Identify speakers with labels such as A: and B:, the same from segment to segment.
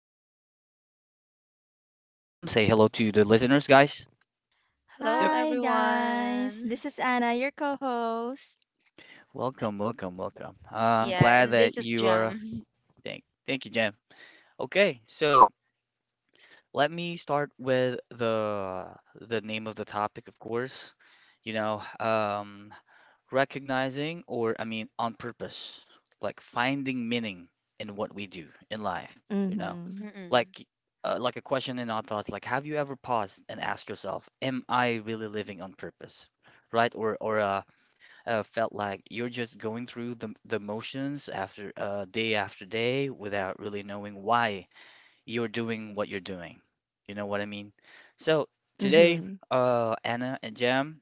A: amazing co hosts, Anna and Jam. Say hello to the listeners, guys.
B: Hello,
A: Yep.
C: Hi guys,
B: everyone.
C: this is Anna, your co-host.
A: Welcome, welcome, welcome. I'm
B: Yeah,
A: glad
B: and this
A: that
B: is
A: you are.
B: Jam.
A: Thank you, Jam. Okay, so let me start with the name of the topic, of course. You know, um, Recognizing, or on purpose, like finding meaning in what we do in life. You know.
C: Mm-hmm.
B: Mm-mm.
A: Like like a question in our thoughts, like have you ever paused and asked yourself, am I really living on purpose, right? Or felt like you're just going through the motions after day after day without really knowing why you're doing what you're doing, you know what I mean? So today,
C: Mm-hmm.
A: Anna and Jam,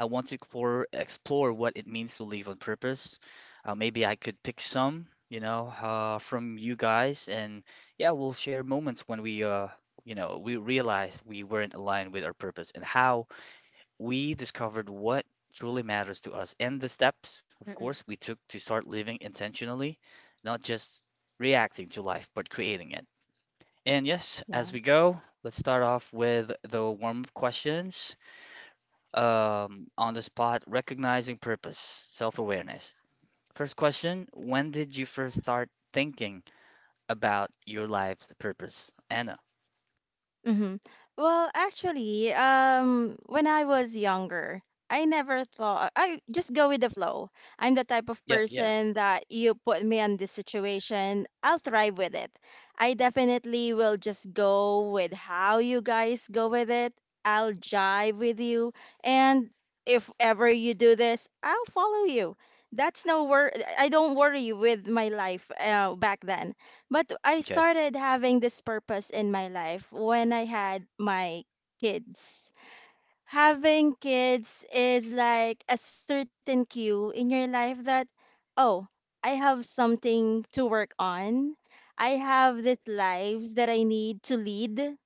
A: I want to explore what it means to live on purpose. Maybe I could pick some, from you guys, and yeah, we'll share moments when we realized we weren't aligned with our purpose, and how we discovered what truly matters to us, and the steps, of course,
B: Mm-mm.
A: we took to start living intentionally, not just reacting to life, but creating it. And yes, as we go,
C: Yes.
A: let's start off with the warm-up questions, on the spot, recognizing purpose, self awareness. First question: when did you first start thinking about your life's purpose, Anna?
C: Mm-hmm. Well, actually, when I was younger, I never thought I just go with the flow. I'm the type of
A: Yeah, yeah.
C: person that you put me on this situation, I'll thrive with it. I definitely will just go with how you guys go with it. I'll jive with you, and if ever you do this, I'll follow you. That's no wor I don't worry with my life back then. But I
A: Okay.
C: started having this purpose in my life when I had my kids. Having kids is like a certain cue in your life that, oh, I have something to work on. I have these lives that I need to lead.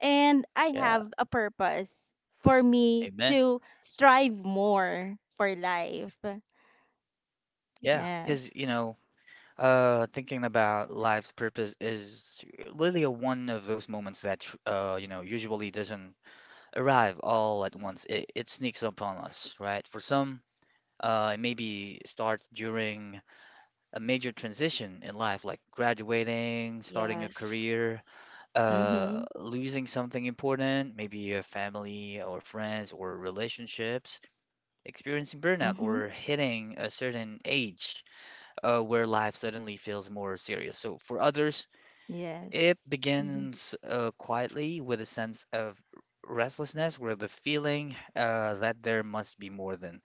C: And I
A: Yeah.
C: have a purpose for me
A: Amen.
C: to strive more for life.
A: Yeah.
C: Yes.
A: Thinking about life's purpose is really a one of those moments that, usually doesn't arrive all at once. It sneaks up on us, right? For some, it maybe starts during a major transition in life, like graduating, starting a
B: Yes,
A: career,
C: Mm-hmm.
A: losing something important, maybe your family or friends or relationships, experiencing burnout,
C: Mm-hmm.
A: or hitting a certain age where life suddenly feels more serious. So for others, it
C: Yes. Mm-hmm.
A: begins quietly with a sense of restlessness, where the feeling that there must be more than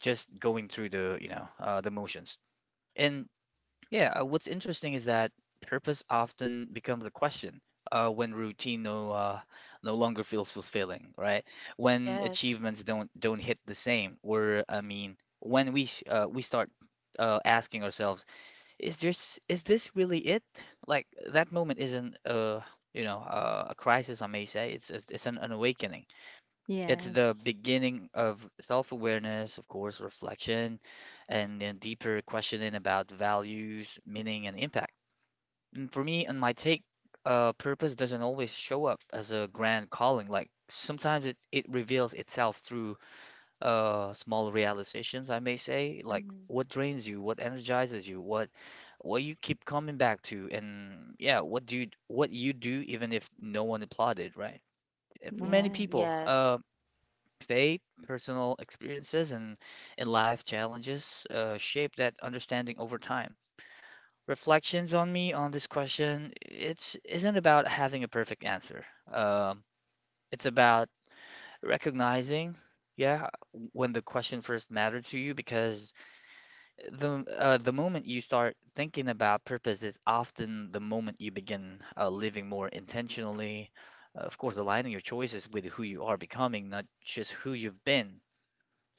A: just going through the motions. And yeah, what's interesting is that purpose often becomes a question when routine no no longer feels fulfilling, right? When
B: yes,
A: achievements don't hit the same, or I mean, we start asking ourselves, is this really it? Like that moment isn't a crisis, I may say. It's an awakening. It's the
C: Yes.
A: beginning of self-awareness, of course, reflection, and then deeper questioning about values, meaning, and impact. And for me, and my take, purpose doesn't always show up as a grand calling. Like sometimes it reveals itself through small realizations, I may say, like
B: Mm-mm.
A: what drains you, what energizes you, what you keep coming back to, and yeah, what you do even if no one applauded, right? And for many people,
C: Yes.
B: yes,
A: faith, personal experiences, and life challenges shape that understanding over time. Reflections on me on this question, it's isn't about having a perfect answer. Um, it's about recognizing, yeah, when the question first mattered to you, because the moment you start thinking about purpose is often the moment you begin living more intentionally. Of course, aligning your choices with who you are becoming, not just who you've been.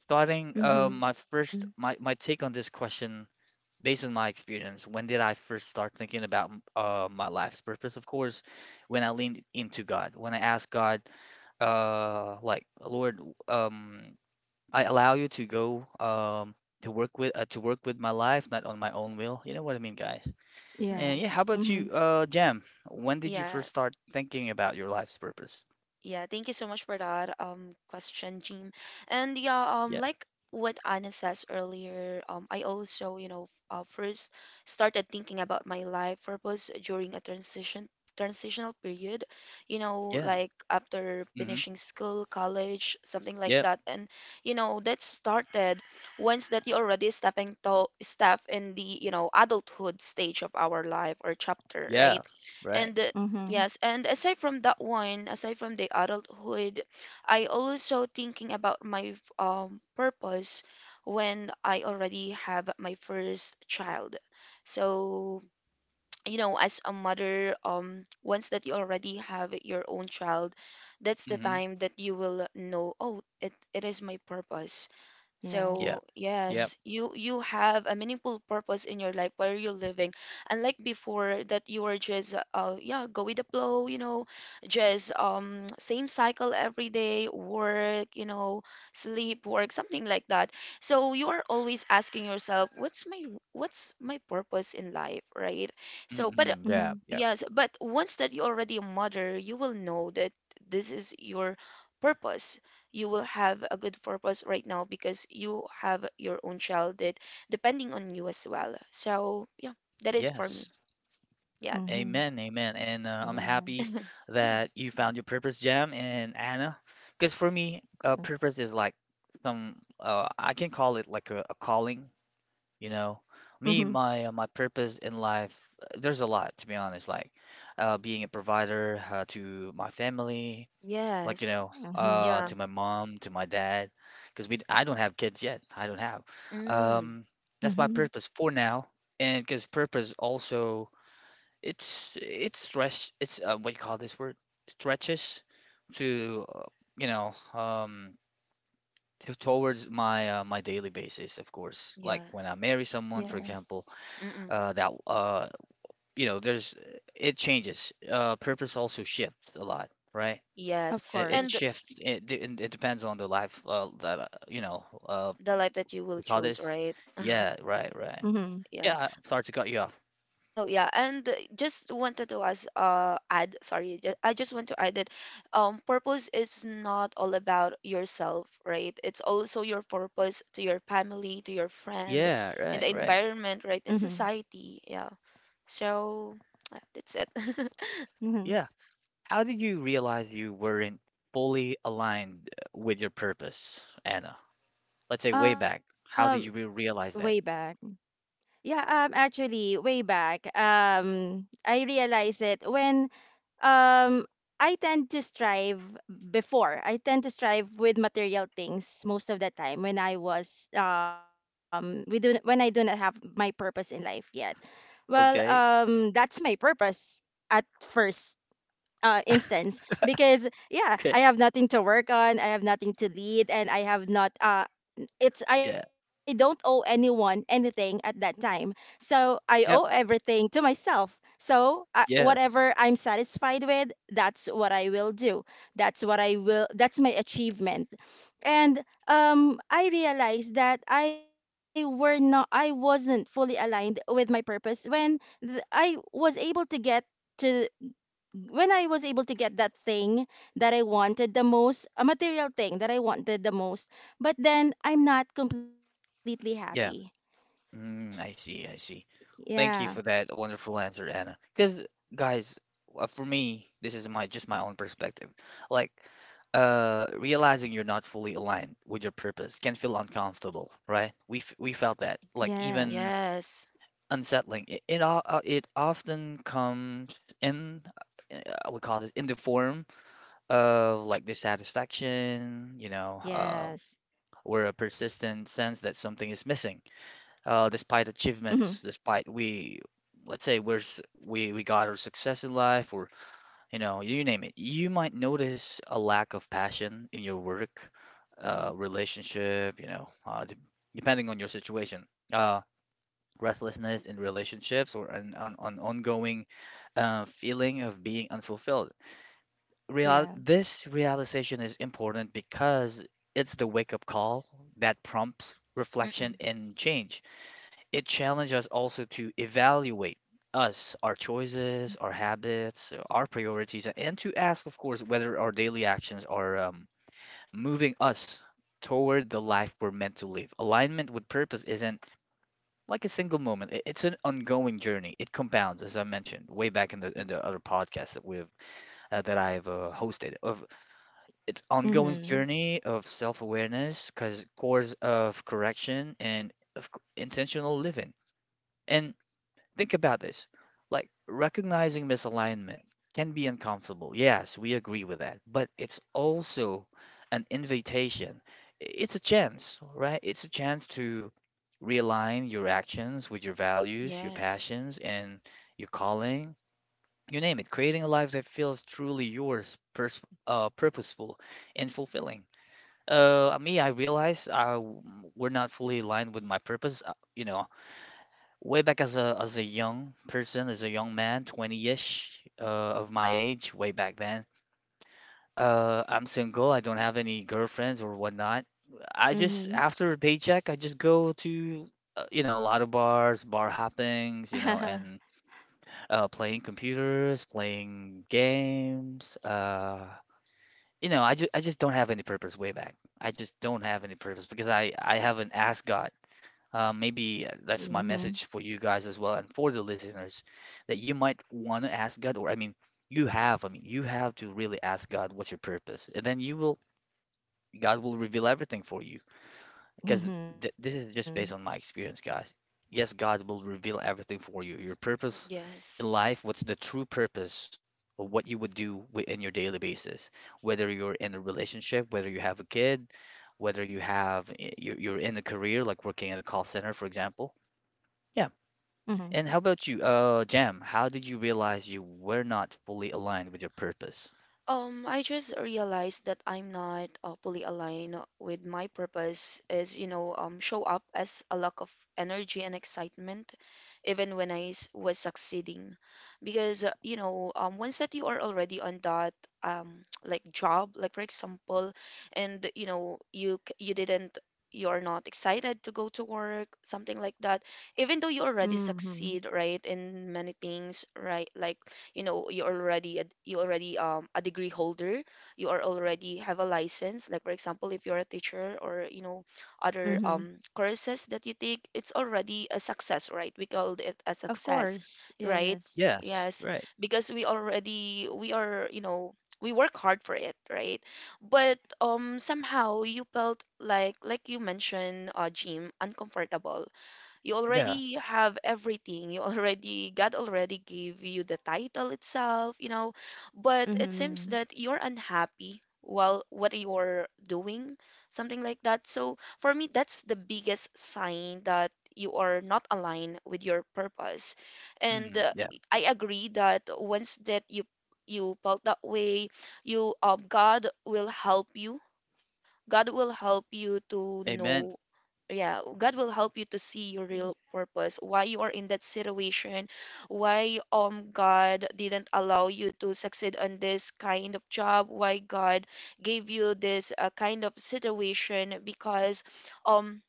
A: So I think
C: Mhm.
A: my take on this question, based on my experience, when did I first start thinking about my life's purpose? Of course, when I leaned into God, when I asked God, like Lord, I allow you to go to work with my life, not on my own will. You know what I mean, guys? And
B: Mm-mm.
A: yeah, how
C: Yes.
A: about you,
C: Mhm.
A: Jam? When did you
B: yeah.
A: first start thinking about your life's purpose?
B: Yeah, thank you so much for that question, Jim. And yeah,
A: Yeah,
B: like what Anna says earlier, I also, first started thinking about my life purpose during a transitional period,
A: yeah,
B: like after
A: mm-hmm,
B: finishing school, college, something like
A: yep,
B: that. And that started once that you already step in the, adulthood stage of our life or chapter, right?
A: yeah, right,
B: And
C: Mhm.
B: yes, and aside from that one, aside from the adulthood, I also thinking about my purpose when I already have my first child. So, as a mother, once that you already have your own child, that's the
A: mm-hmm,
B: time that you will know, oh, it is my purpose.
C: Yeah.
A: yeah.
B: So,
A: Yeah,
B: yes, you have a meaningful purpose in your life where you're living. Unlike before that you were just yeah, go with the flow, just same cycle every day, work, sleep, work, something like that. So you are always asking yourself, what's my purpose in life, right? So, but
A: mm-mm, yeah,
C: Mhm.
A: yeah,
B: yes, but once that you're already a mother, you will know that this is your purpose. You will have a good purpose right now because you have your own child that depending on you as well. So yeah, that is for
A: yes.
B: me. Yeah.
C: Mhm.
A: Amen, amen. And I'm happy
C: Yes.
A: that you found your purpose, Jam and Anna. Because for me,
C: Of
A: purpose
C: course.
A: is like some, I can call it like a calling, you know.
C: Mhm.
A: Me, my purpose in life, there's a lot, to be honest, like being a provider to my family, like
B: Yes.
C: Mhm.
B: Yeah.
A: to my mom, to my dad, because we I don't have kids yet. I don't have
B: Mm.
A: um
C: Mhm.
A: that's my purpose for now. And because purpose also it's stretch it's what you call this word, stretches to you know um to- towards my daily basis, of course, like
B: Yeah.
A: when I marry someone, for
C: Yes.
A: example,
B: Mm-mm.
A: that you know there's it changes. Purpose also shifts a lot, right?
B: Yes.
C: Of
A: It
B: And
A: shifts.
C: course.
A: It and it depends on the life that you know.
B: the life that you will
A: We call
B: choose,
A: this.
B: right?
A: Yeah. Right. Right.
C: Mhm.
B: Yeah.
A: Yeah. I- I'm sorry to cut you off.
B: Oh yeah, and just wanted to as add, sorry, I just want to add that purpose is not all about yourself, right? It's also your purpose to your family, to your friend,
A: Yeah.
B: and
A: Right.
B: the
A: Right.
B: environment, right? In
C: Mhm.
B: society, yeah. So yeah, that's it.
C: Mhm.
A: Yeah. How did you realize you weren't fully aligned with your purpose, Anna? Let's say way
C: Um
A: back. How did you
C: way back.
A: realize that?
C: Yeah, actually way back. I realized it when um I tend to strive before. I tend to strive with material things most of the time when I was we do when I do not have my purpose in life yet. Well,
A: Okay.
C: that's my purpose at first instance because yeah, I
A: Okay.
C: have nothing to work on, I have nothing to lead, and I have not it's I
A: Yeah.
C: don't owe anyone anything at that time. So I owe
A: Yep.
C: everything to myself. So I,
A: Yes.
C: whatever I'm satisfied with, that's what I will do. That's what I will. That's my achievement. And I realized that I were not. I wasn't fully aligned with my purpose when I was able to get to when I was able to get that thing that I wanted the most, a material thing that I wanted the most, but then I'm not completely happy.
A: Yeah. Mm, I see, I see.
C: Yeah.
A: Thank you for that wonderful answer, Anna. Because guys, for me, this is my just my own perspective. Like, realizing you're not fully aligned with your purpose can feel uncomfortable, right? We felt that, like
C: Yes.
A: even
B: Yes.
A: unsettling. It often comes in, we call it in the form of like dissatisfaction,
C: Yes.
A: or a persistent sense that something is missing despite
C: Mhm.
A: achievements, let's say we got our success in life, or you know, you name it, you might notice a lack of passion in your work, relationship, depending on your situation, uh, restlessness in relationships, or an ongoing feeling of being unfulfilled. Real
C: Yeah.
A: this realization is important because it's the wake-up call that prompts reflection
B: Mm-mm.
A: and change. It challenges us also to evaluate us, our choices, our habits, our priorities, and to ask, of course, whether our daily actions are moving us toward the life we're meant to live. Alignment with purpose isn't like a single moment. It's an ongoing journey. It compounds, as I mentioned way back in the
C: I-
A: in the other podcast that we've that I've hosted. Of It's ongoing
C: Mhm.
A: journey of self-awareness, cause course of correction, and of intentional living. And think about this. Like recognizing misalignment can be uncomfortable. Yes, we agree with that. But it's also an invitation. It's a chance, right? It's a chance to realign your actions with your values, your
B: Yes.
A: passions, and your calling. You name it. Creating a life that feels truly yours, pers purposeful, and fulfilling. Me, we're not fully aligned with my purpose. You know, way back as a young person, as a young man, 20-ish of my age, way back then. I'm single. I don't have any girlfriends or whatnot. I just
C: Mhm.
A: after a paycheck, I just go to a lot of bars, bar hoppings, you know,
C: Mhm.
A: and playing computers, playing games. You know, I just don't have any purpose way back. I just don't have any purpose because I haven't asked God. Maybe
C: Mhm.
A: That's my message for you guys as well, and for the listeners, that you might want to ask God, you have, I mean, you have to really ask God what's your purpose, and then God will reveal everything for you. Because th this is just based on my experience, guys. Yes, God will reveal everything for you. Your purpose in
B: Yes.
A: life, what's the true purpose of what you would do in your daily basis, whether you're in a relationship, whether you have a kid, whether you have you're in a career, like working at a call center, for example, yeah.
C: Mhm.
A: And how about you, Jam? How did you realize you were not fully aligned with your purpose?
B: I just realized that I'm not fully aligned with my purpose is, show up as a lack of energy and excitement, even when was succeeding. Because, once that you are already on that, like job, like for example, and you know, you didn't, you're not excited to go to work, something like that, even though you already
C: Mhm.
B: succeed, right, in many things, right, like you know you already a degree holder. You are already have a license, like for example if you're a teacher, or you know other
C: Mhm.
B: courses that you take, it's already a success, right? We call
C: Of
B: it a
C: course.
B: success, right?
C: Yes.
A: Yes,
B: Yes,
A: right.
B: because we are, you know, we work hard for it, right? But somehow you felt like you mentioned, Jim, uncomfortable. You
A: Yeah.
B: already have everything, you already, god already gave you the title itself, you know, but it seems
C: Mhm.
B: that you're unhappy while what you're doing, something like that. So for me, that's the biggest sign that you are not aligned with your purpose. And
A: Mm, yeah.
B: I agree that once that you felt that way, you god will help you to
A: Amen.
B: know. Yeah, god will help you to see your real purpose, why you are in that situation, why god didn't allow you to succeed on this kind of job, why god gave you this kind of situation, because um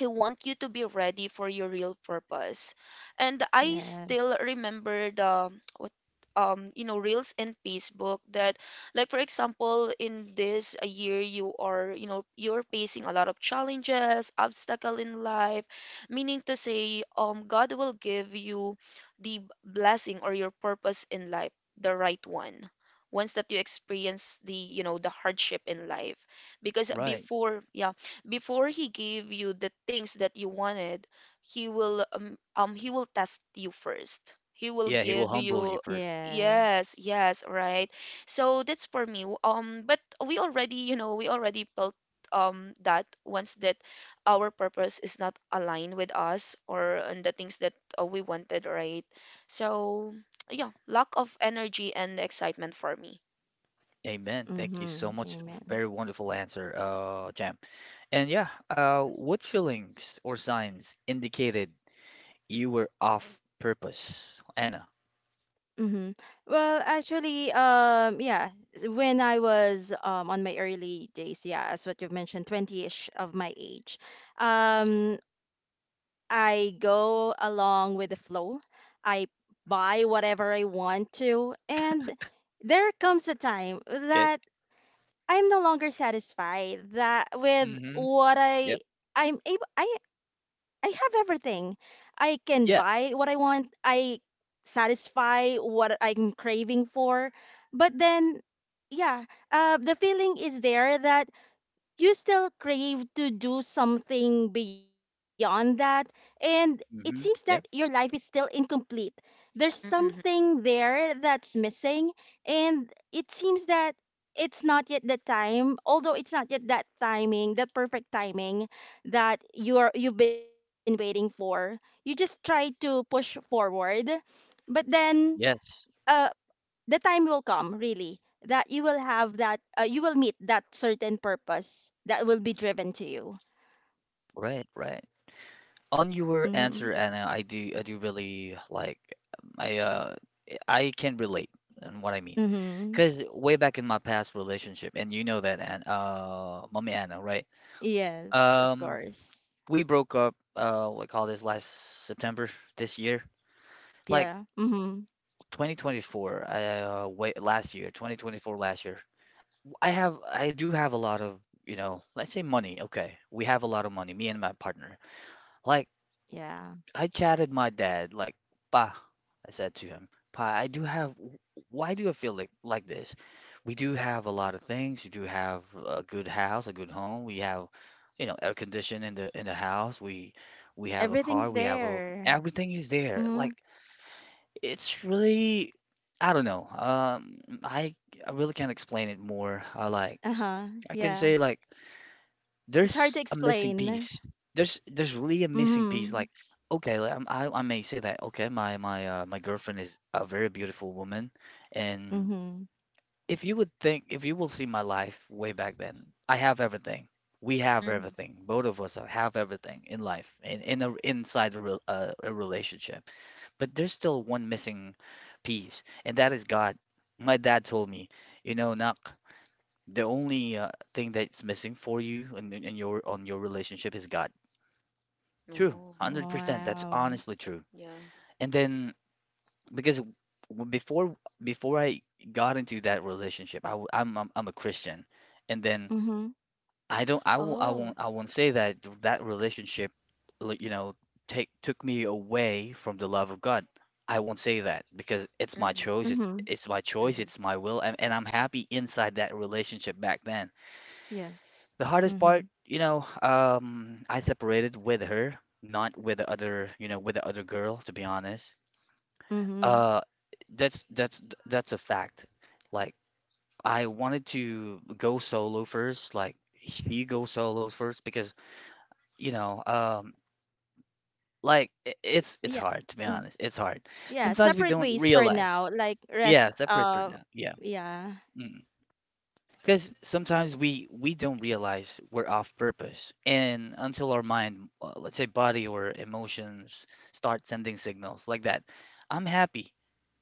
B: I want you to be ready for your real purpose. And I still
C: Yes.
B: remember the what you know reels in Facebook, that like for example in this a year, you are, you know, you're facing a lot of challenges, obstacle in life, meaning to say God will give you the blessing or your purpose in life, the right one. Once that you experience the, you know, the hardship in life, because
A: Right.
B: before, yeah, before he gave you the things that you wanted, he will test you first. He will
A: Yeah, he will
B: give
A: humble you
B: you
A: first.
B: yes, yes,
C: Yes.
B: right. So that's for me. But we already built that once that our purpose is not aligned with us or on the things that we wanted, right? So yeah, lack of energy and excitement for me.
A: Amen. Thank you so
C: Mhm.
A: much.
C: Amen.
A: Very wonderful answer, Jam. And yeah, what feelings or signs indicated you were off purpose, Anna?
C: Mhm. Well, actually, yeah, when I was on my early days, yeah, as what you've mentioned, 20-ish of my age, um, I go along with the flow. I buy whatever I want to, and there comes a time
A: Okay.
C: that I'm no longer satisfied that with
A: Mm-hmm.
C: what I
A: Yep.
C: I have everything. I can buy what
A: Yeah.
C: I want. I satisfy what I'm craving for. But then yeah, the feeling is there that you still crave to do something beyond that, and it seems that
A: Mm-hmm.
C: your life
A: Yep.
C: is still incomplete, there's
B: Mm-mm,
C: something there that's missing, and it seems that it's not yet the time, although it's not yet that timing, that perfect timing that you've been waiting for. You just try to push forward, but then
A: Yes.
C: uh, the time will come really that you will have that you will meet that certain purpose that will be driven to you.
A: Right, right. On
C: Mm-hmm.
A: your answer, Anna, I do really like, I uh I can relate, and what I mean.
C: Mm-hmm.
A: Because way back in my past relationship, and you know that, and mommy Anna, right?
C: Yes, of
A: Um,
C: course.
A: we broke up. What call this Last September this year, like
C: Yeah. Mm-hmm.
A: 2024. Wait, last year, 2024, last year. I do have a lot of, you know, let's say money. Okay, we have a lot of money, me and my partner. Like
C: Yeah,
A: I chatted my dad like, "Pa," I said to him, "Pa, I do have. Why do I feel like this? We do have a lot of things. We do have a good house, a good home. We have, you know, air conditioning in the house. We have a
C: everything's
A: car. We have a
C: there.
A: everything is there. Like
C: Mm-hmm.
A: it's really, I don't know. I I really can't explain it more. I like
C: Uh-huh,
A: I can
C: yeah.
A: say like."
C: It's hard
A: There's
C: to
A: a missing
C: explain.
A: piece. There's really a
C: Mm-hmm.
A: missing piece. Like, okay, like, I may say that okay, my girlfriend is a very beautiful woman, and
C: Mm-hmm.
A: if you would think if you will see my life way back then, I have everything. We have
B: mm-hmm.
A: everything. Both of us have everything in life, in a inside a, rel a relationship. But there's still one missing piece, and that is God. My dad told me, you know, Nak. The only thing that's missing for you and in, your on your relationship is God. True,
B: Oh,
C: Wow.
A: 100%. That's honestly true.
B: yeah.
A: And then because before I got into that relationship, I'm a Christian, and then
C: Mm-hmm.
A: I don't I won't I
B: Oh.
A: won't I won't say that that relationship, like, you know, take took me away from the love of God. I won't say that because it's my
B: Mm-mm.
A: choice. It's
C: Mm-hmm.
A: it's my choice. It's my will, and I'm happy inside that relationship back then.
C: Yes.
A: The hardest
C: Mm-hmm.
A: part, you know, I separated with her, not with the other, you know, with the other girl, to be honest.
C: Mm-hmm.
A: Uh, that's that's that's a fact. Like I wanted to go solo first, like she go solos first because, you know, like
C: Yeah.
A: it's hard
C: Mm.
A: to be honest. It's hard.
C: Yeah, separate
B: Mhm,
A: Sometimes we
C: ways
A: don't
C: for now.
A: realize.
C: Like rest
A: Yeah, separate for now. Yeah.
C: yeah.
A: Because sometimes we don't realize we're off purpose, and until our mind, let's say body or emotions, start sending signals like that. I'm happy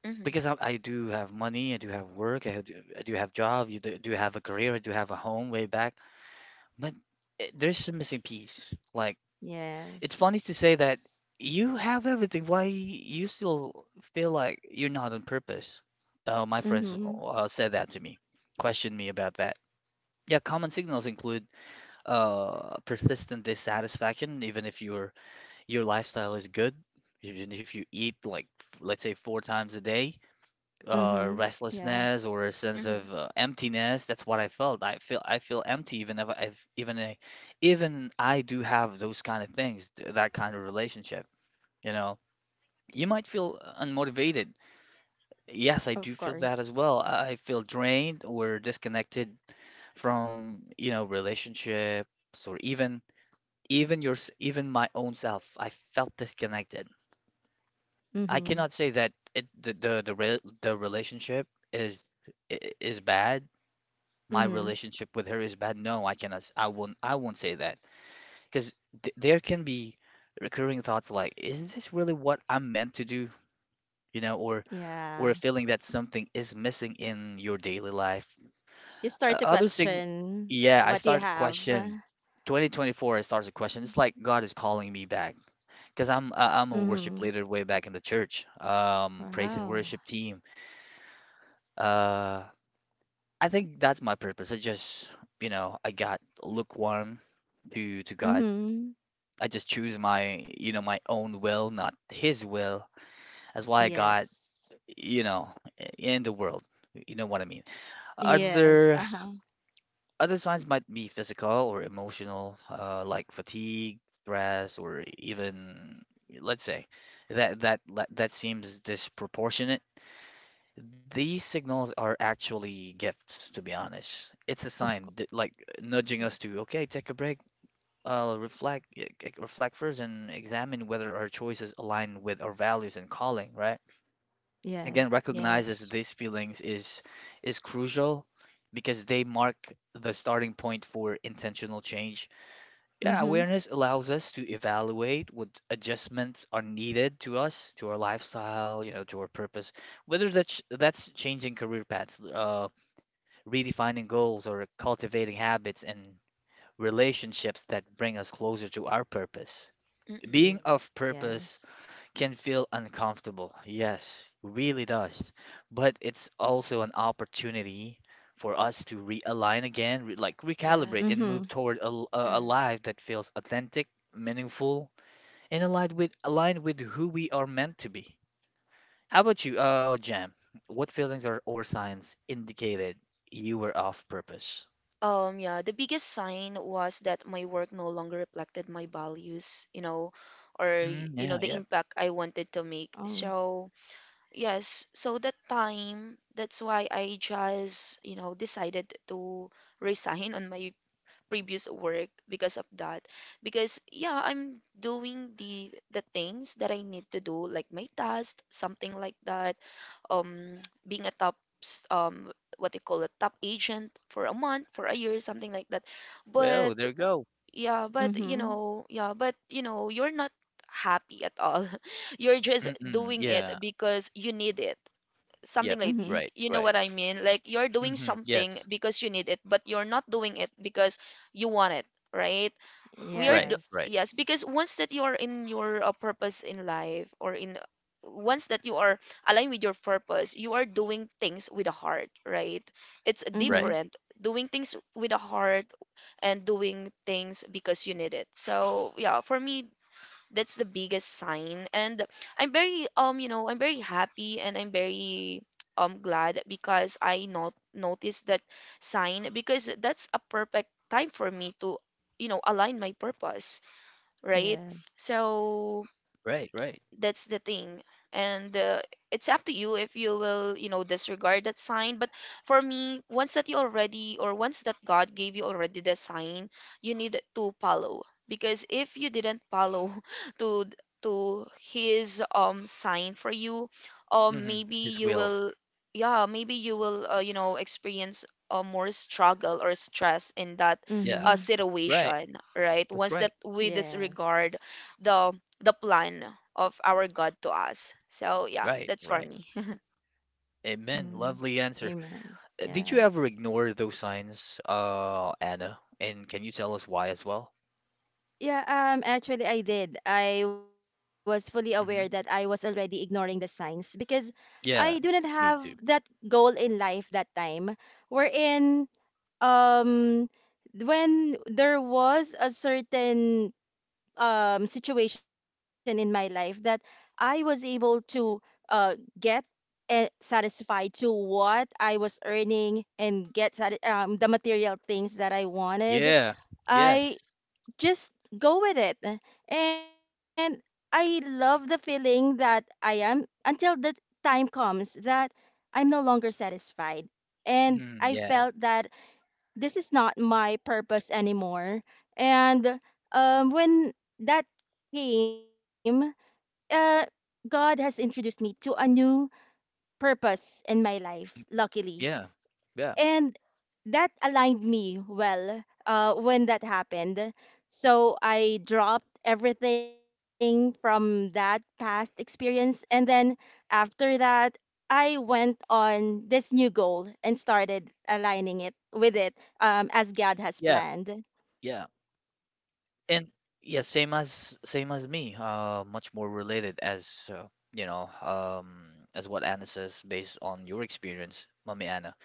B: mhm,
A: because I do have money, I do have work, I do have job, you do, do have a career, I do have a home way back. But there's a missing piece. Like it's funny
C: Yes.
A: to say that you have everything. Why you still feel like you're not on purpose? My friends
C: Mhm.
A: uh, said that to me, questioned me about that. Yeah, common signals include persistent dissatisfaction, even if your lifestyle is good, even if you eat like let's say four times a day,
C: Mhm. Yeah,
A: restlessness or a sense
B: mhm,
A: of emptiness. That's what I felt. I feel empty, even if I've even I do have those kind of things, that kind of relationship. You know, you might feel unmotivated. Yes, I
C: of
A: do feel that as
C: course.
A: well. I feel drained or disconnected from, you know, relationships or even your even my own self. I felt disconnected.
C: Mhm.
A: I cannot say that it the relationship is is bad. My
B: mm,
C: Mhm.
A: relationship with her is bad. No, I cannot I won't say that because th there can be recurring thoughts like, is this really what I'm meant to do, you know,
C: Yeah.
A: or a feeling that something is missing in your daily life.
C: You start
A: Uh,
C: to
A: other thing,
C: question
A: yeah, I
C: what you
A: started
C: have.
A: question. 2024, I started to question. It's like God is calling me back because
C: Mhm.
A: I'm a worship leader way back in the church, praise and
C: Wow.
A: worship team. Uh, I think that's my purpose. I just, you know, I got lukewarm to God.
C: Mhm.
A: I just choose my, you know, my own will, not His will. That's why I got,
C: Yes.
A: you know, in the world. You know what I mean?
C: Yes.
A: Other
C: Uh-huh.
A: Other signs might be physical or emotional, like fatigue, stress, or even, let's say, that seems disproportionate. These signals are actually gifts, to be honest. It's a
C: Of
A: sign
C: course.
A: that, like, nudging
B: mhm.
A: us to, okay, take a break, reflect, reflect first, and examine whether our choices align with our values and calling, right? Again,
C: Yes.
A: recognizes
B: Yes.
A: these feelings is crucial because they mark the starting point for intentional change. Yeah,
C: Mhm.
A: awareness allows us to evaluate what adjustments are needed to us, to our lifestyle, you know, to our purpose, whether that's changing career paths, redefining goals, or cultivating habits and relationships that bring us closer to our purpose.
B: Mm-mm.
A: Being of
C: Yes.
A: purpose can feel uncomfortable. Yes, really does. But it's also an opportunity for us to realign again, re like recalibrate
B: Yes.
A: and
C: Mhm.
A: move toward a
B: Mhm.
A: life that feels authentic, meaningful, and aligned with who we are meant to be. How about you, Jam? What feelings or signs indicated you were off purpose?
B: Yeah, the biggest sign was that my work no longer reflected my values, you know, or
A: Mm,
B: you know,
A: yeah,
B: the
A: yep.
B: impact I wanted to
C: Oh.
B: make. So, yes, so that time, that's why I just, you know, decided to resign on my previous work because of that, because yeah, I'm doing the things that I need to do like my task, something like that, um being a top s- um what they call a top agent for a month for a year, something like that, but
A: Well, there you go.
B: yeah, but you
C: Mhm.
B: know, yeah, but you know, you're not happy at all. You're just
A: Mm-mm,
B: doing it
A: yeah,
B: because you need it, something
A: yep.
B: like
C: Mhm.
A: Right,
B: you know
A: right.
B: what I mean? Like you're doing
A: Mm-hmm,
B: something
A: yes.
B: because you need it, but you're not doing it because you want it, right? We are
A: Right,
B: do
A: right,
B: yes, because
C: Yes.
B: once that you are in your purpose in life or in once that you are aligned with your purpose, you are doing things with a heart, right? It's
A: right,
C: Mhm.
B: different doing things with a heart and doing things because you need it. So, yeah, for me, that's the biggest sign. And I'm very you know, I'm very happy and I'm very glad because I not noticed that sign, because that's a perfect time for me to, you know, align my purpose, right?
C: Yes.
B: So
A: right, right.
B: that's the thing. And it's up to you if you will, you know, disregard that sign. But for me, once that you already or once that god gave you already the sign, you need to follow, because if you didn't follow to to his sign for you,
A: Mhm.
B: maybe
A: His
B: you
A: will.
B: will, yeah, maybe you will you know, experience more struggle or stress in that
A: Yeah.
C: Mhm.
A: Right.
B: situation, right?
A: That's
B: Once
A: right.
B: that we disregard
C: Yes.
B: the the plan of our God to us. So yeah,
A: Right.
B: that's for
A: Right.
B: me.
A: Amen.
C: Mhm.
A: Lovely answer.
C: Amen.
A: Did you ever
C: Yes.
A: ignore those signs, Anna? And can you tell us why as well?
C: Yeah, actually I did. I was fully aware that I was
A: Hmm.
C: already ignoring the signs because I do not
A: Yeah.
C: have
A: Me
C: that
A: too.
C: goal in life that time, wherein um when there was a certain situation in my life that I was able to uh, get satisfied to what I was earning and get the material things that I wanted.
A: Yeah. Yes.
C: I just go with it. And I love the feeling that I am, until the time comes that I'm no longer satisfied. And
A: Mm,
C: I
A: yeah.
C: felt that this is not my purpose anymore. And when that came, uh, God has introduced me to a new purpose in my life, luckily,
A: Yeah. Yeah.
C: and that aligned me well when that happened. So I dropped everything from that past experience. And then after that, I went on this new goal and started aligning it with it, as God has
A: Yeah.
C: planned.
A: Yeah. And yeah, same as me. Much more related as you know, as what Anna says based on your experience, Mommy Anna.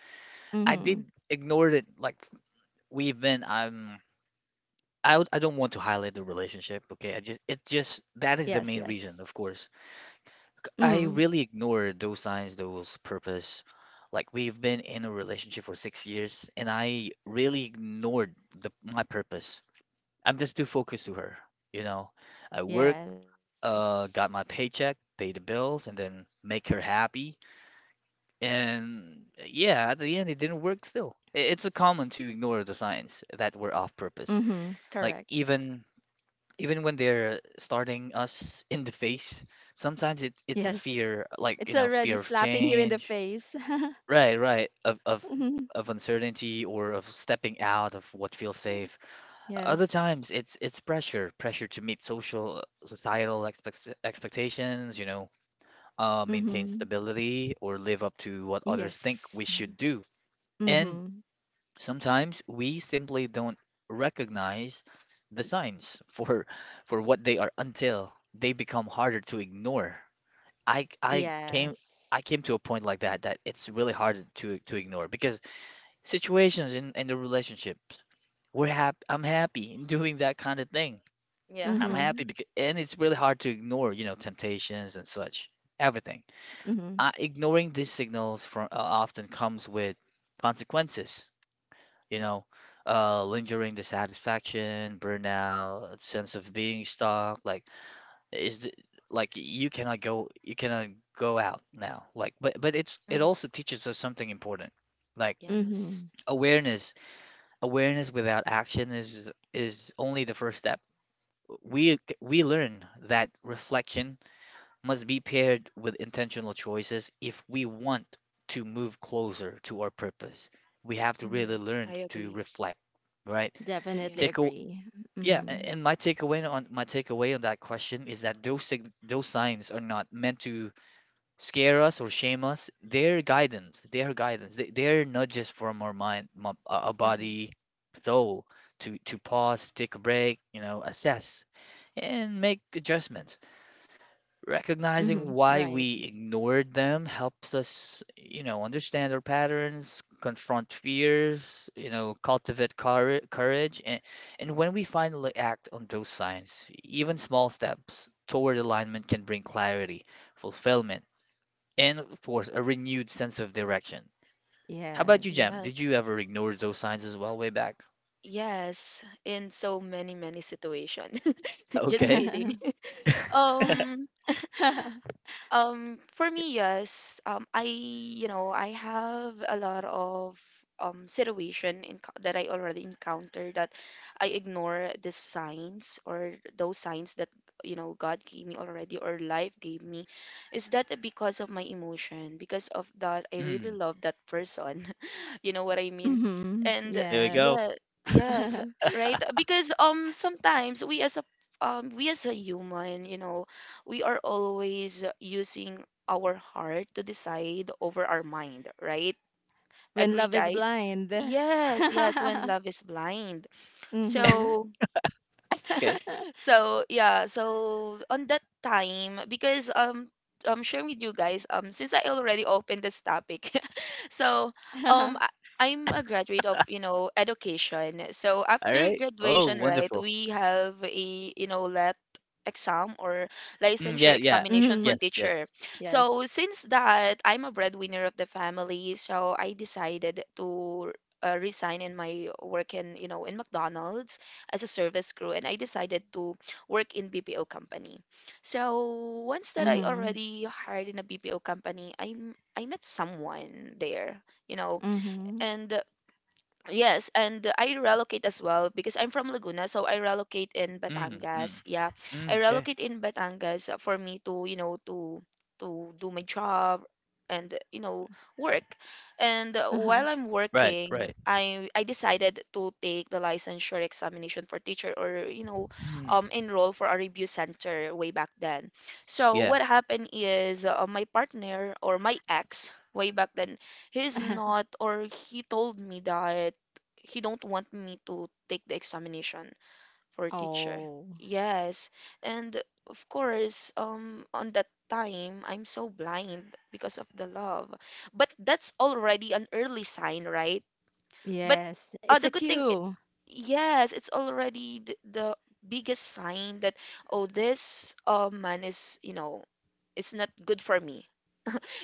A: I
C: Mm-hmm.
A: did ignore it like we've been I don't want to highlight the relationship, okay? I just it just
C: Yes,
A: that is
C: yes.
A: the main reason, of course.
C: Mm-hmm.
A: I really ignored those signs, those purpose. Like we've been in a relationship for 6 years, and I really ignored the my purpose. I'm just too focused to her, you know. I work,
C: Yes.
A: got my paycheck, pay the bills, and then make her happy. And yeah, at the end, it didn't work. Still, it's a common to ignore the signs that were off purpose,
C: Mm-hmm.
A: like
C: Correct.
A: even even when they're starting us in the face, sometimes it's
C: Yes.
A: fear,
C: It's
A: like, you know,
C: already
A: fear of
C: slapping you in the
A: change.
C: face.
A: Right, right. Of of
C: Mhm.
A: of uncertainty or of stepping out of what feels safe. Other
C: Yes.
A: times it's pressure, pressure to meet social, societal expectations, you know, maintain
C: Mhm.
A: stability or live up to what others think we
C: Yes.
A: should do. And
C: Mhm.
A: Sometimes we simply don't recognize the signs for for what they are until they become harder to ignore. I I came
C: Yes.
A: I came to a point like that that it's really hard to ignore because situations in the relationships, we're happy, I'm happy in doing that kind of thing.
B: Yeah.
A: I'm happy
C: Mhm.
A: because, and it's really hard to ignore, you know, temptations and such. Everything.
C: Mhm.
A: Ignoring these signals from often comes with consequences, you know, lingering dissatisfaction, burnout, sense of being stuck. Like, is the, like you cannot go out now. Like, but it's it
B: Hmm.
A: also teaches us something important, like
B: Yes.
C: Mhm.
A: awareness. Awareness without action is only the first step. We learn that reflection must be paired with intentional choices if we want to move closer to our purpose. We have to really
B: Hmm. I
A: learn to
B: agree.
A: reflect, right?
B: Yeah.
C: Definitely
A: Take a,
C: agree.
A: yeah,
C: Mhm.
A: and my takeaway on that question is that those signs are not meant to scare us or shame us. They're guidance. They're guidance. They're nudges from our mind, a
B: Hmm.
A: body, soul to pause, take a break, you know, assess and make adjustments.
C: Mhm.
A: Recognizing
C: Right.
A: why we ignored them helps us, you know, understand our patterns, confront fears, you know, courage. And when we finally act on those signs, even small steps toward alignment can bring clarity, fulfillment, and of course, a renewed sense of direction. How about you, Jem? Did
C: Yes.
B: Yes.
A: you ever ignore those signs as well way back?
B: Yes, in so many many situation. Just
A: Okay.
B: kidding. Um for me, yes. I, you know, I have a lot of situation in, that I already encountered, that I ignore the signs or those signs that you know God gave me already or life gave me. Is that because of my emotion? Because of that, I really
A: Mm.
B: love that person. You know what I mean?
C: Mhm.
B: And
A: There we go.
C: Yes.
B: yeah, yes, right. Because sometimes we as a human, you know, we are always using our heart to decide over our mind, right?
C: When
B: Agree,
C: love is
B: guys?
C: blind.
B: Yes, yes, when love is blind.
C: Mhm.
B: So,
A: Okay.
B: so yeah, so on that time, because I'm sharing with you guys, since I already opened this topic, So, um, I- I'm a graduate of, you know, education. So
A: All
B: after
A: right. Oh,
B: graduation, right,
A: wonderful.
B: we have a, you know, let exam or
A: Mm,
B: licensure
A: yeah,
C: Mhm.
A: yeah.
B: examination for
A: Yes, yes.
B: teacher.
C: Yes.
B: So since that, I'm a breadwinner of the family, so I decided to resign in my work in, you know, in McDonald's as a service crew, and I decided to work in BPO company. So
C: Mhm.
B: once that I already hired in a BPO company, I met someone there, you know,
C: Mhm.
B: and yes, and I relocate as well because I'm from Laguna, so I relocate in
A: Mm, mm,
B: Batangas. Yeah, I
A: mm. Okay.
B: relocate in Batangas for me to, you know, to do my job and you know work. And
C: Uh-huh.
B: while I'm
A: Right,
B: working,
A: right.
B: I decided to take the licensure examination for teacher or, you know,
A: Mm,
B: enroll for a review center way back then. So
A: yeah.
B: what happened is my partner or my ex way back then, he's not or he told me that he don't want me to take the examination for teacher.
C: Oh.
B: Yes. And of course, on that time I'm so blind because of the love. But that's already an early sign, right? But
C: Yes, it's
B: the
C: a
B: good thing,
C: cue.
B: yes, it's already the biggest sign that oh, this man is, you know, it's not good for me,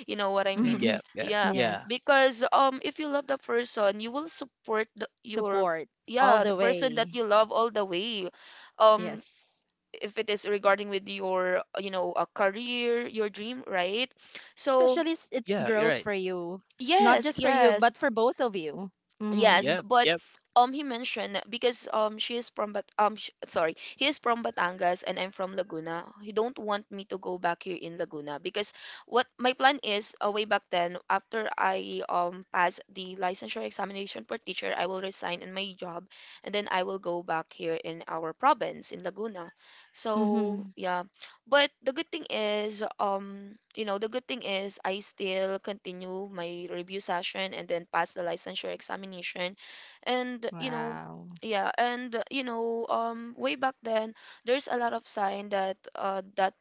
B: you know what I
A: Mm,
B: mean?
C: Mhm.
A: yeah, yeah,
B: Yeah,
A: yeah.
C: Yes.
B: because if you love the person, you will support the, your,
C: Support all
B: yeah, the
C: the
B: person that
C: way.
B: you love all the way. Um
C: Yes.
B: if it is regarding with your, you know, a career, your dream, right?
C: Especially s-
B: So,
C: it's growth
A: Yeah,
C: for
A: you're right.
C: you. Not just for
B: yes,
C: you, but
B: yes.
C: for both of you. Mm-hmm.
B: Yes,
A: Yep,
B: but
A: yep.
B: he mentioned because she is from Bat sh sorry he is from Batangas and I'm from Laguna. He don't want me to go back here in Laguna because what my plan is, way back then, after I pass the licensure examination for teacher, I will resign in my job and then I will go back here in our province in Laguna. So
C: Mm-hmm.
B: yeah, but the good thing is I still continue my review session and then pass the licensure examination. And
C: Wow.
B: yeah, way back then, there's a lot of sign that that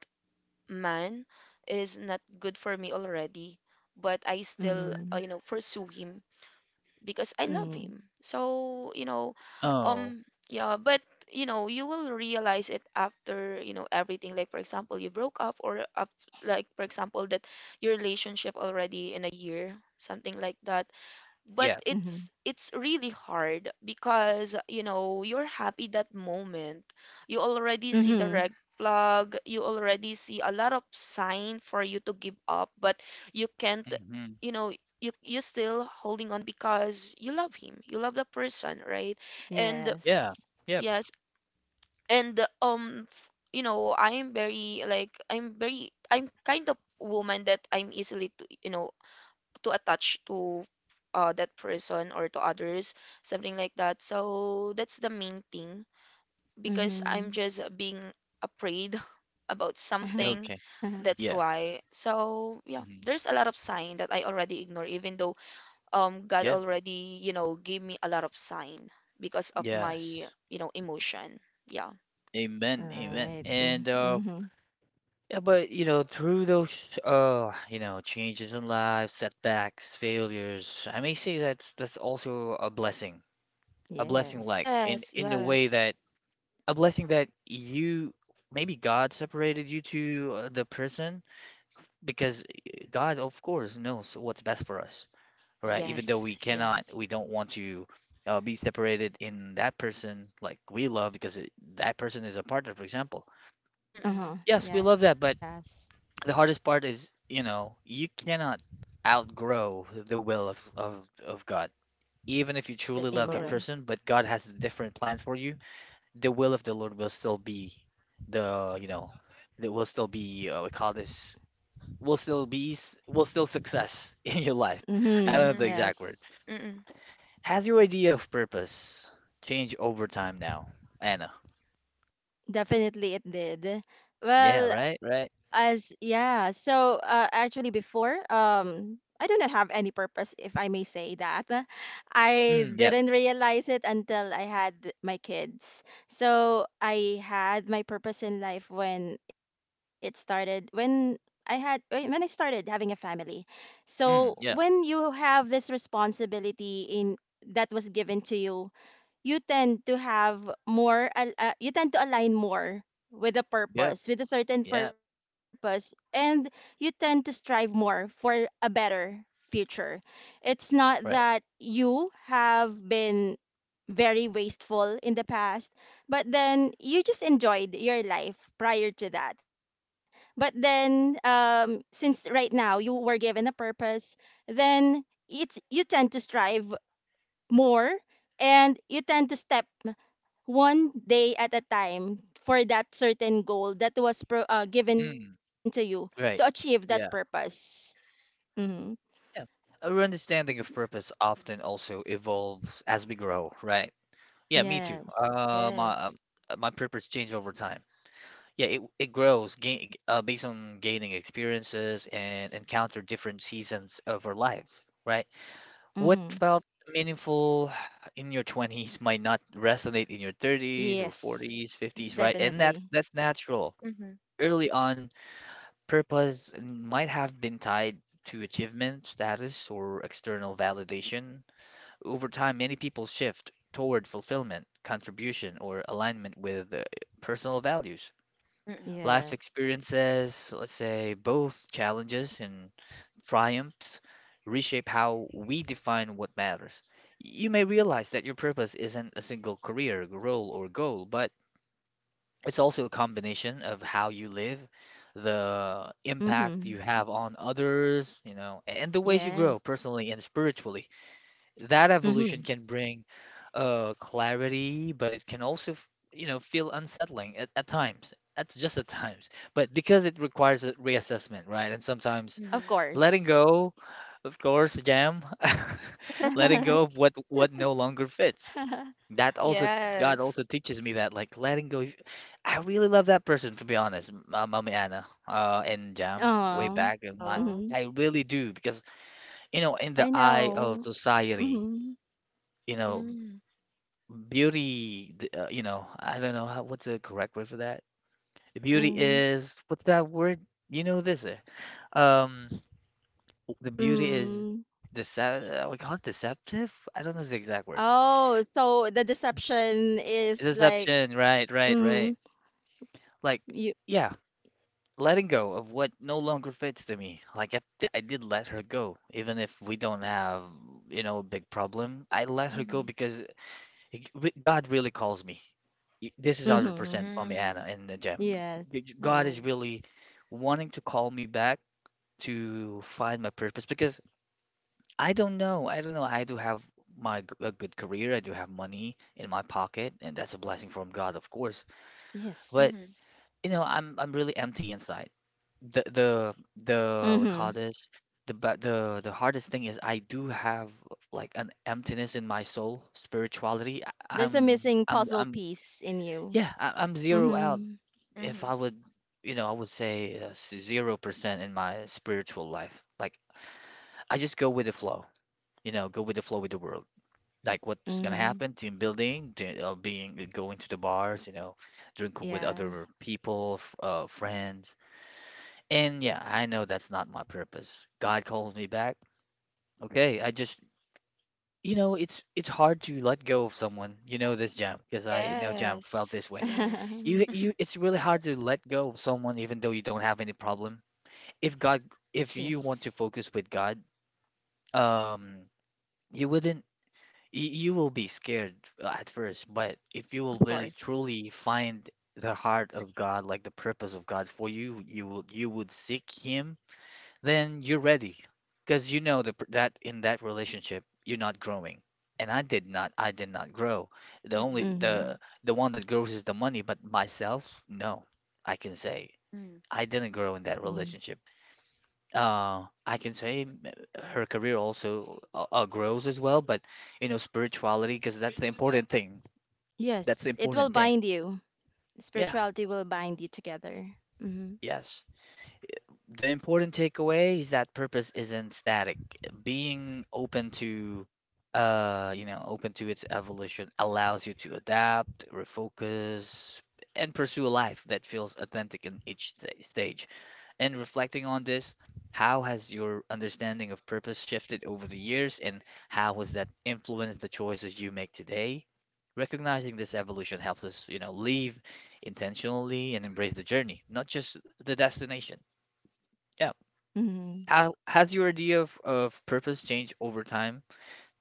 B: man is not good for me already, but I still,
C: Mm-hmm.
B: pursue him because I love
C: mm,
B: him. So, you know,
A: Oh,
B: um yeah, but you will realize it after, everything, like for example, you broke up or up, like for example that your relationship already in a year, something like that, but
A: yeah.
C: Mm-hmm.
B: it's really hard because you're happy that moment. You already see the
C: Mm-hmm.
B: red flag, you already see a lot of sign for you to give up, but you can't.
A: Mhm.
B: you know you're still holding on because you love him, you love the person, right? And
A: Yeah.
C: Yes.
A: Yep.
B: yes, and I'm very, like, I'm kind of woman that I'm easily to, to attach to that person or to others, something like that. So that's the main thing because I'm
C: Mm-hmm.
B: just being afraid about something.
A: Okay.
B: That's
A: Yeah.
B: why. So yeah,
A: Mhm.
B: there's a lot of sign that I already ignore, even though God
A: Yep.
B: already gave me a lot of sign because of my
A: Yes.
B: emotion. Yeah.
A: Amen. Amen.
C: Right. mm,
A: And,
C: Mm-hmm.
A: yeah, but, you know, through those, you know, changes in life, setbacks, failures, I may say that's also a blessing. A blessing like
B: Yes.
C: Yes.
A: in the way
B: Yes.
A: that a blessing that you maybe God separated you to the person because God, of course, knows what's best for us, right? Even though
B: Yes. Yes.
A: we don't want to be separated in that person like we love because that person is a partner, for example.
B: Mm-mm.
C: Uh-huh.
A: Yes, we love that,
C: Yes.
A: but the hardest part is, you know, you cannot outgrow the will of, of God. Even if you truly
B: That's
A: love that
B: correct.
C: Amen.
A: person, but God has different plans for you, the will of the Lord will still be the, it will still be, we call this, will still be, will still success in your life. I
C: Mm-hmm.
A: don't know the
B: Mm-hmm.
A: exact word.
C: Yes.
B: Mm-mm.
A: Has your idea of purpose changed over time now, Anna?
C: Definitely it did.
A: Yeah,
C: Well,
A: right,
C: as
A: right.
C: yeah, so actually before I do not have any purpose if I may say that. I
A: Mm, yep.
C: didn't realize it until I had my kids. So I had my purpose in life when it started when I had when I started having a family. So
A: Mm,
C: when
A: yep.
C: you have this responsibility in that was given to you, you tend to have more you tend to align more with a
A: Yep.
C: purpose, with a certain
A: Yep.
C: purpose, and you tend to strive more for a better future. It's not
A: Right.
C: that you have been very wasteful in the past, but then you just enjoyed your life prior to that, but then since right now you were given a purpose, then it's you tend to strive more, and you tend to step one day at a time for that certain goal that was given to
A: Mm,
C: you to achieve that
A: right. Yeah.
C: purpose. Mm-hmm.
A: Yeah. Our understanding of purpose often also evolves as we grow, right? Yeah, me too.
C: Yes.
A: Uh, my uh,
B: Yes.
A: my purpose changed over time. Yeah, it grows gain, based on gaining experiences and encounter different seasons of our life, right? What
C: Mm-hmm.
A: felt meaningful in your 20s might not resonate in your 30s or 40s,
C: Yes.
A: 50s, right? And that's
C: Definitely.
A: that's natural.
B: Mm-hmm.
A: Early on, purpose might have been tied to achievement, status, or external validation. Over time, many people shift toward fulfillment, contribution, or alignment with personal values. Life
C: Yes.
A: experiences, let's say both challenges and triumphs, reshape how we define what matters. You may realize that your purpose isn't a single career, role, or goal, but it's also a combination of how you live, the
C: Mm-hmm.
A: impact you have on others, and the ways you grow
C: Yes.
A: personally and spiritually that
C: Mm-hmm.
A: evolution can bring clarity, but it can also feel unsettling at times. That's just at times. But because it requires a reassessment, right? And
C: Of
A: sometimes
B: Mm-hmm.
C: course.
A: letting go, of course, Jam, letting
C: Um.
A: go of what no longer fits. That also God
B: Yes.
A: also teaches me that, like letting go. I really love that person, to be honest, Mommy Anna, and Jam, way back in
C: Mm-hmm.
A: my.
B: Oh.
A: I really do because in
C: I
A: the eye of
C: know.
A: society
C: Mm-hmm.
A: you know,
B: Mm.
A: beauty, I don't know how, what's the correct word for that. The beauty
C: Mm-hmm.
A: is, what's that word? You know this. Um, the beauty is
C: Mm.
A: decept, we call it deceptive? I don't know the exact word.
C: Oh, so the deception is like
A: Deception, right, right, right.
C: mm,
A: Like,
C: you.
A: yeah, letting go of what no longer fits to me. Like, I did let her go, even if we don't have, a big problem. I let her go
B: Mhm.
A: because God really calls me. This is
C: Mm-hmm.
A: 100% Mommy Anna
B: Mm.
A: and Jem.
C: Yes.
A: God is
B: Oh.
A: really wanting to call me back to find my purpose because I don't know. I don't know. I do have a good career. I do have money in my pocket, and that's a blessing from God, of course. But
B: Mhm.
C: Yes.
A: I'm really empty inside. The the
C: Mm-hmm.
A: the we call this the ba- the hardest thing is I do have like an emptiness in my soul, spirituality. I-
C: There's a missing puzzle
A: I'm
C: piece in you.
A: Yeah, I'm zero out.
C: Mm-hmm.
A: If I
B: Mhm.
A: would, I would say 0% in my spiritual life. Like I just go with the flow. Go with the flow with the world. Like what's gonna
C: Mm-hmm.
A: happen? Team building, being going to the bars. Drinking with
C: Yeah.
A: other people, friends. And yeah, I know that's not my purpose. God calls me back. Okay, I just, it's hard to let go of someone. You know this, Jam, because I know Jam felt
B: Yes.
A: this way.
B: Yes.
A: You you it's really hard to let go of someone even though you don't have any problem. If God if
C: Yes.
A: you want to focus with God, um you wouldn't you, you will be scared at first, but if you will
C: Of
A: really
C: course.
A: truly find the heart of God, like the purpose of God for you, you will you would seek him, then you're ready. Because that in that relationship you're not growing. And I did not grow. The only
B: Mm-mm.
C: Mm-hmm.
A: the one that grows is the money, but myself, no. I can say.
B: Mm.
A: I didn't
C: Mm.
A: grow in that relationship. I can say her career also grows as well, but spirituality, because that's the important thing. That's the
C: Yes. It will
A: important thing.
C: bind you.
A: Yeah,
C: Spirituality will bind you together. Mm-hmm.
A: yes. The important takeaway is that purpose isn't static. Being open to its evolution allows you to adapt, refocus, and pursue a life that feels authentic in each stage. And reflecting on this, how has your understanding of purpose shifted over the years, and how has that influenced the choices you make today? Recognizing this evolution helps us, live intentionally and embrace the journey, not just the destination. Yeah.
C: Mm-hmm.
A: How has your idea of purpose changed over time?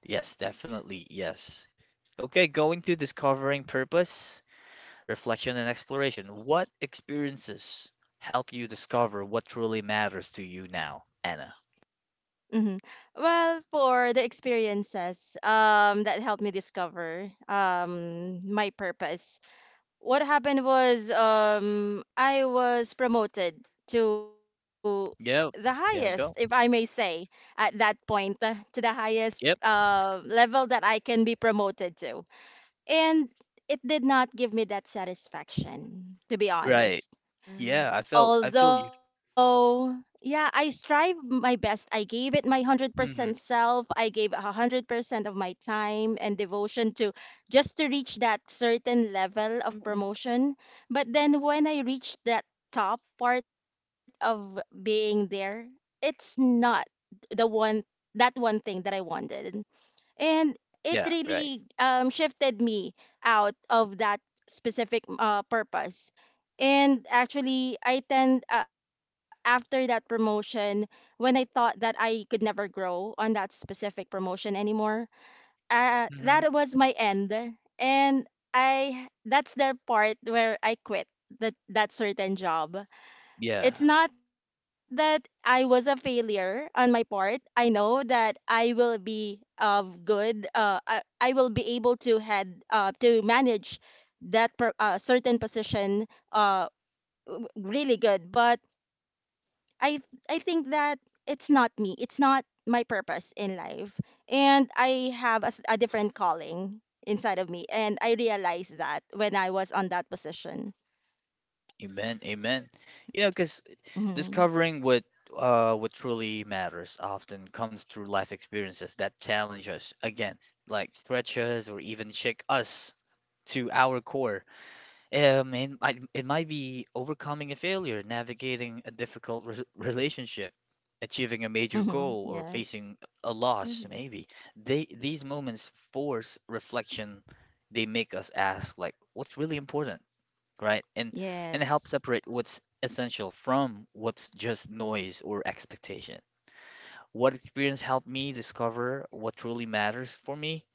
A: Yes, definitely. Yes. Okay, going to discovering purpose, reflection, and exploration. What experiences help you discover what truly matters to you now, Anna?
C: Mhm. Well, for the experiences that helped me discover my purpose. What happened was I was promoted to the
A: Yep.
C: highest, if I
A: There we
C: may
A: go.
C: say, at that point, to the highest
A: Yep.
C: level that I can be promoted to. And it did not give me that satisfaction, to be
A: Right.
C: honest,
A: Yeah.
B: Mm.
A: I felt. I feel you.
C: although yeah, I strive my best, I gave it my 100%
A: Hmm.
C: self, I gave 100% of my time and devotion to just to reach that certain level of
B: Mm-mm.
C: promotion. But then when I reached that top part of being there, it's not the one, that one thing that I wanted. And it
A: Yeah. Right.
C: really shifted me out of that specific purpose. And actually I tend after that promotion, when I thought that I could never grow on that specific promotion anymore,
A: Hmm.
C: that was my end. And I that's the part where I quit that certain job. It's
A: Yeah.
C: not that I was a failure on my part. I know that I will be of good. I will be able to head to manage that certain position uh, really good. But I I think that it's not me. It's not my purpose in life, and I have a a different calling inside of me, and I realized that when I was on that position.
A: Amen. Amen. Because
C: Mm-hmm.
A: discovering what truly matters often comes through life experiences that challenge us again, like stretch us or even shake us to our core. It might be overcoming a failure, navigating a difficult re relationship, achieving a
C: Mm-hmm.
A: major goal, or
C: Yes.
A: facing a loss,
B: Mhm.
A: maybe. They these moments force reflection. They make us ask, like, what's really important, right? And help
C: Yes.
A: separate what's essential from what's just noise or expectation. What experience helped me discover what truly matters for me?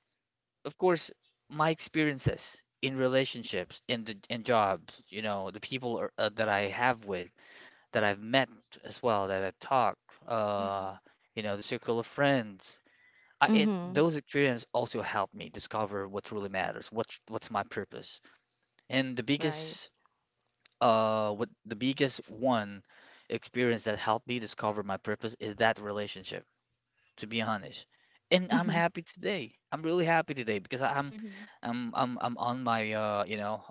A: Of course, my experiences in relationships, in jobs, the people are, that I have with, that I've met as well, that I've talked, uh,
B: Mhm.
A: the circle of friends.
C: Mm-hmm.
A: Those experiences also help me discover what truly matters, what's my purpose. And
C: Right.
A: the biggest one experience that helped me discover my purpose is that relationship to be honest. And I'm
C: Mm-hmm.
A: happy today. I'm really happy today because I- I'm
B: Mhm.
A: I'm I'm I'm on my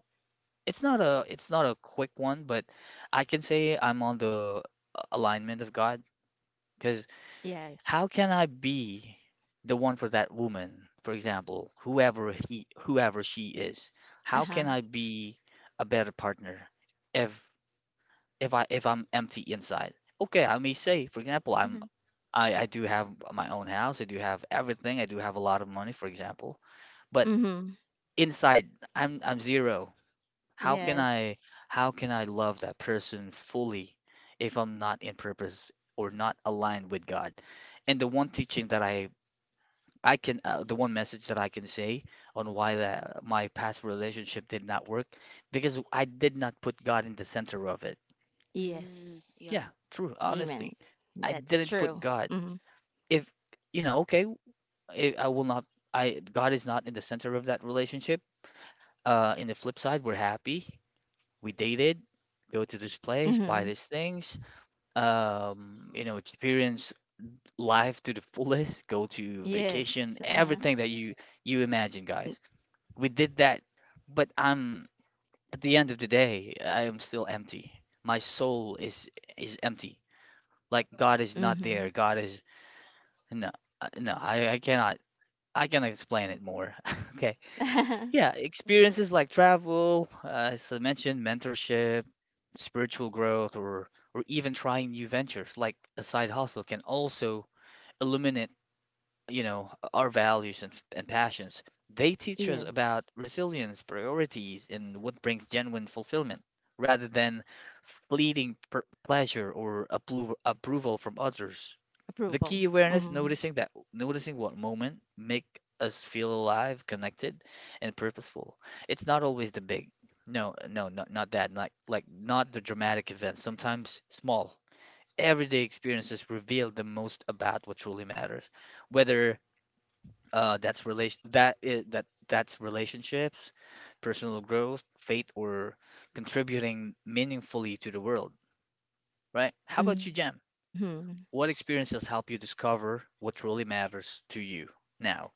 A: it's not a quick one, but I can say I'm on the alignment of God because
C: Yes.
A: how can I be the one for that woman, for example, whoever she is? How
C: Uh-huh.
A: can I be a better partner if if I'm empty inside? Okay, I may say, for example, I'm
B: Mhm.
A: I I do have my own house. I do have everything. I do have a lot of money, for example. But
C: Mm-hmm.
A: inside, I'm zero. How can I
C: Yes.
A: how can I love that person fully if I'm not in purpose or not aligned with God? And the one message that I can say on why that my past relationship did not work because I did not put God in the center of it.
B: Mm.
C: Yes.
B: Yeah.
A: Yeah,
C: Amen.
A: true, honestly.
C: That's
A: I
C: true.
A: didn't put
C: Mm-hmm.
A: God. If you know, okay, I will not, I, God is not in the center of that relationship. In the flip side, we're happy. We dated, go to this place, buy
C: Mm-hmm.
A: these things, experience life to the fullest, go to
C: Yes.
A: vacation,
C: Uh-huh.
A: everything that you imagine, guys. We did that, but I'm at the end of the day, I am still empty. My soul is empty. Like God
C: Mm-hmm.
A: is not there. God is no, no. I cannot explain it more. Okay. Yeah,
B: Mhm.
A: experiences like travel, as I mentioned, mentorship, spiritual growth, or even trying new ventures like a side hustle can also illuminate, our values and passions. They teach us about
C: Yes.
A: resilience, priorities, and what brings genuine fulfillment, rather than fleeting per pleasure or approval from others.
C: Approval.
A: The key
C: Mm-hmm.
A: awareness, noticing what moment make us feel alive, connected, and purposeful. It's not always the big. No, no, no, not that. Like not the dramatic events. Sometimes small, everyday experiences reveal the most about what truly matters. Whether that's relation that I- that that's relationships, personal growth, faith, or contributing meaningfully to the world. Right? How about you, Jam?
C: Mm-hmm.
A: What experiences help you discover what truly matters to you now?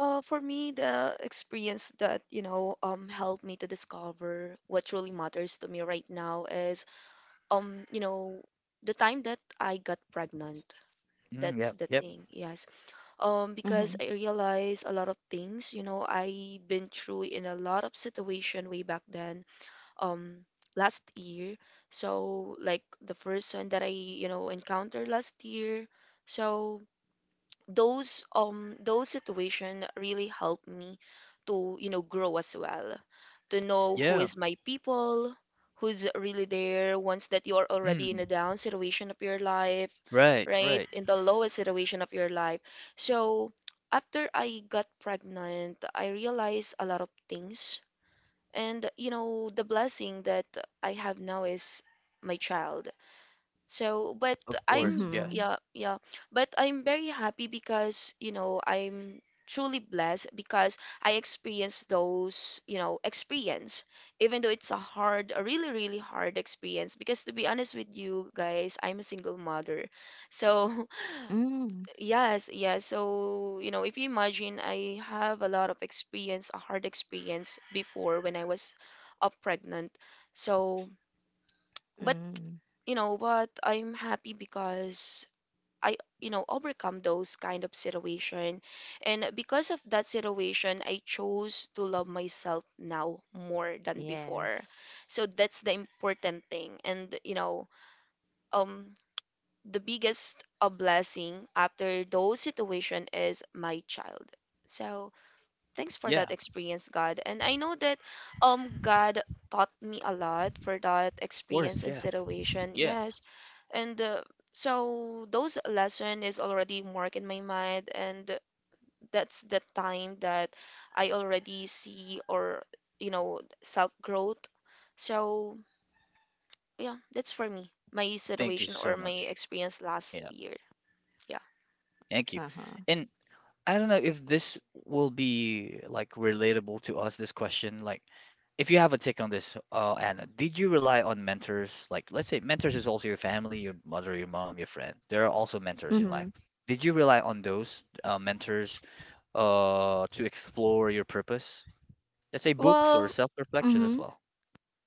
B: For me, the experience that, helped me to discover what truly matters to me right now is, um, you know, the time that I got pregnant.
A: Mm,
B: That's
A: yep,
B: the
A: yep,
B: thing. Yes.
C: Mm-hmm.
B: Because I realize a lot of things. You know, I been through in a lot of situation way back then, um, last year. So, like, the first one that I, encountered last year. So those situation really help me to grow as well, to know who
A: yeah.
B: is my people, who's really there once that you're already in a
A: Mm,
B: down situation of your life,
A: right.
B: right
A: Right.
B: in the lowest situation of your life, so after I got pregnant, I realized a lot of things. And the blessing that I have now is my child. So, but
A: Of
C: Mm-hmm.
A: course, yes,
B: yeah, yeah, but I'm very happy because, I'm truly blessed because I experienced those, experience, even though it's a hard, a really, really hard experience. Because to be honest with you guys, I'm a single mother. So,
C: Mm-hmm.
B: yes, yes. So, if you imagine, I have a lot of experience, a hard experience before when I was pregnant. So, but
C: Mm-hmm.
B: you know what, I'm happy because I overcome those kind of situation and because of that situation I chose to love myself now more than before. So
C: Yes.
B: that's the important thing. And um the biggest a blessing after those situation is my child. So thanks for that
A: yeah.
B: experience, God. And I know that God taught me a lot for that
A: Of course.
B: experience and
A: Yes.
B: situation.
A: Yeah.
B: Yes. And so those lesson is already marked in my mind and that's the time that I already see or self growth. So yeah, that's for me. My
A: Thank you
B: situation
A: so
B: or my
A: much.
B: experience last
A: Yeah.
B: year. Yeah.
A: Thank you.
C: Uh-huh.
A: And I don't know if this will be like relatable to us, this question. Like, if you have a take on this, Anna, did you rely on mentors? Like, let's say mentors is also your family, your mother, your mom, your friend. There are also
C: Mm-hmm.
A: mentors in life. Did you rely on those mentors to explore your purpose. Let's say books or
C: Well,
A: self-reflection as
C: mm-hmm.
A: well.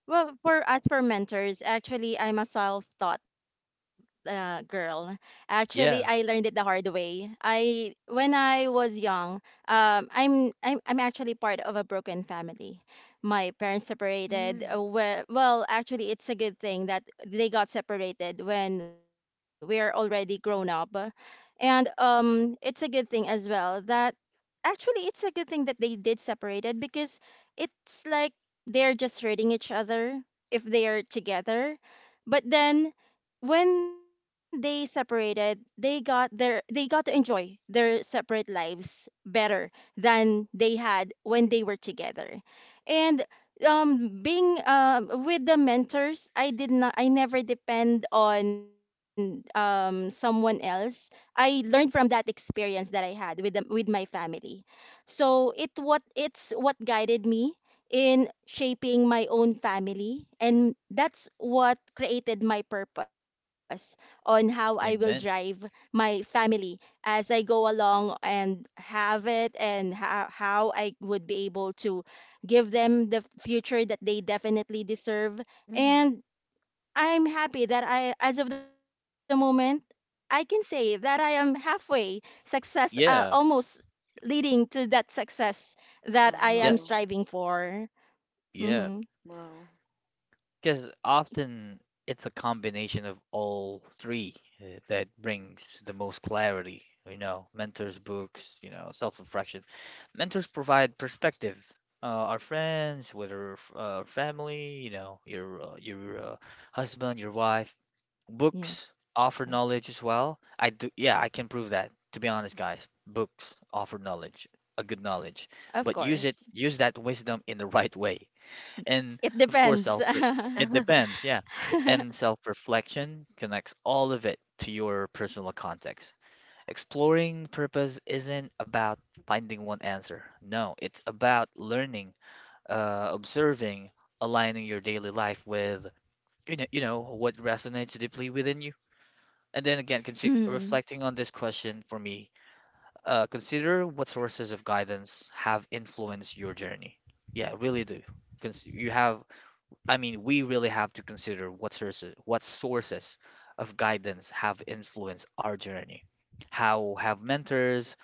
C: Well, for as for mentors, actually, I'm a self-taught girl. Actually, I learned it
A: Yeah.
C: the hard way. I when I was young, I'm actually part of a broken family. My parents separated.
B: Mm-hmm.
C: Well, actually, it's a good thing that they got separated when we are already grown up, and it's a good thing as well that actually it's a good thing that they did separated because it's like they're just hurting each other if they're together, but then when they separated, they got their, they got to enjoy their separate lives better than they had when they were together. And being with the mentors, I did not I never depend on someone else. I learned from that experience that I had with the, with my family. So it what it's what guided me in shaping my own family, and that's what created my purpose on how I will drive
A: Amen.
C: my family as I go along and have it, and how I would be able to give them the future that they definitely deserve. And I'm happy that I, as of the moment, I can say that I am halfway success,
A: Yeah.
C: almost leading to that success that I am
B: Wow.
C: striving
A: Yes.
C: for.
A: Yeah.
C: Mm-hmm.
B: Wow.
A: Because often it's a combination of all three that brings the most clarity. Mentors, books, self-reflection. Mentors provide perspective. Uh, our friends, whether family, your husband, your wife. Books
C: Yes,
A: offer knowledge as well. I do, yeah, I can prove that. To be honest, guys, books offer knowledge, a good knowledge,
C: of
A: but use it,
C: course.
A: use that wisdom in the right way. And
C: It
A: of course,
C: depends.
A: self, it depends, yeah. And self-reflection connects all of it to your personal context. Exploring purpose isn't about finding one answer. No, it's about learning, observing, aligning your daily life with what resonates deeply within you. And then again,
C: Mm.
A: reflecting on this question for me, consider what sources of guidance have influenced your journey. Yeah, really do. You have, I mean, we really have to consider what sources of guidance have influenced our journey. How have mentors,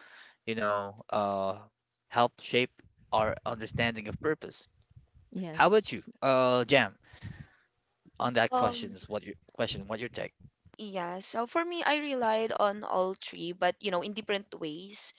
A: you know, uh, helped shape our understanding of purpose? How about you,
C: Yes.
A: Jam, on that
B: Um
A: questions, what your question, what your take?
B: Yeah, so for me, I relied on all three, but in different ways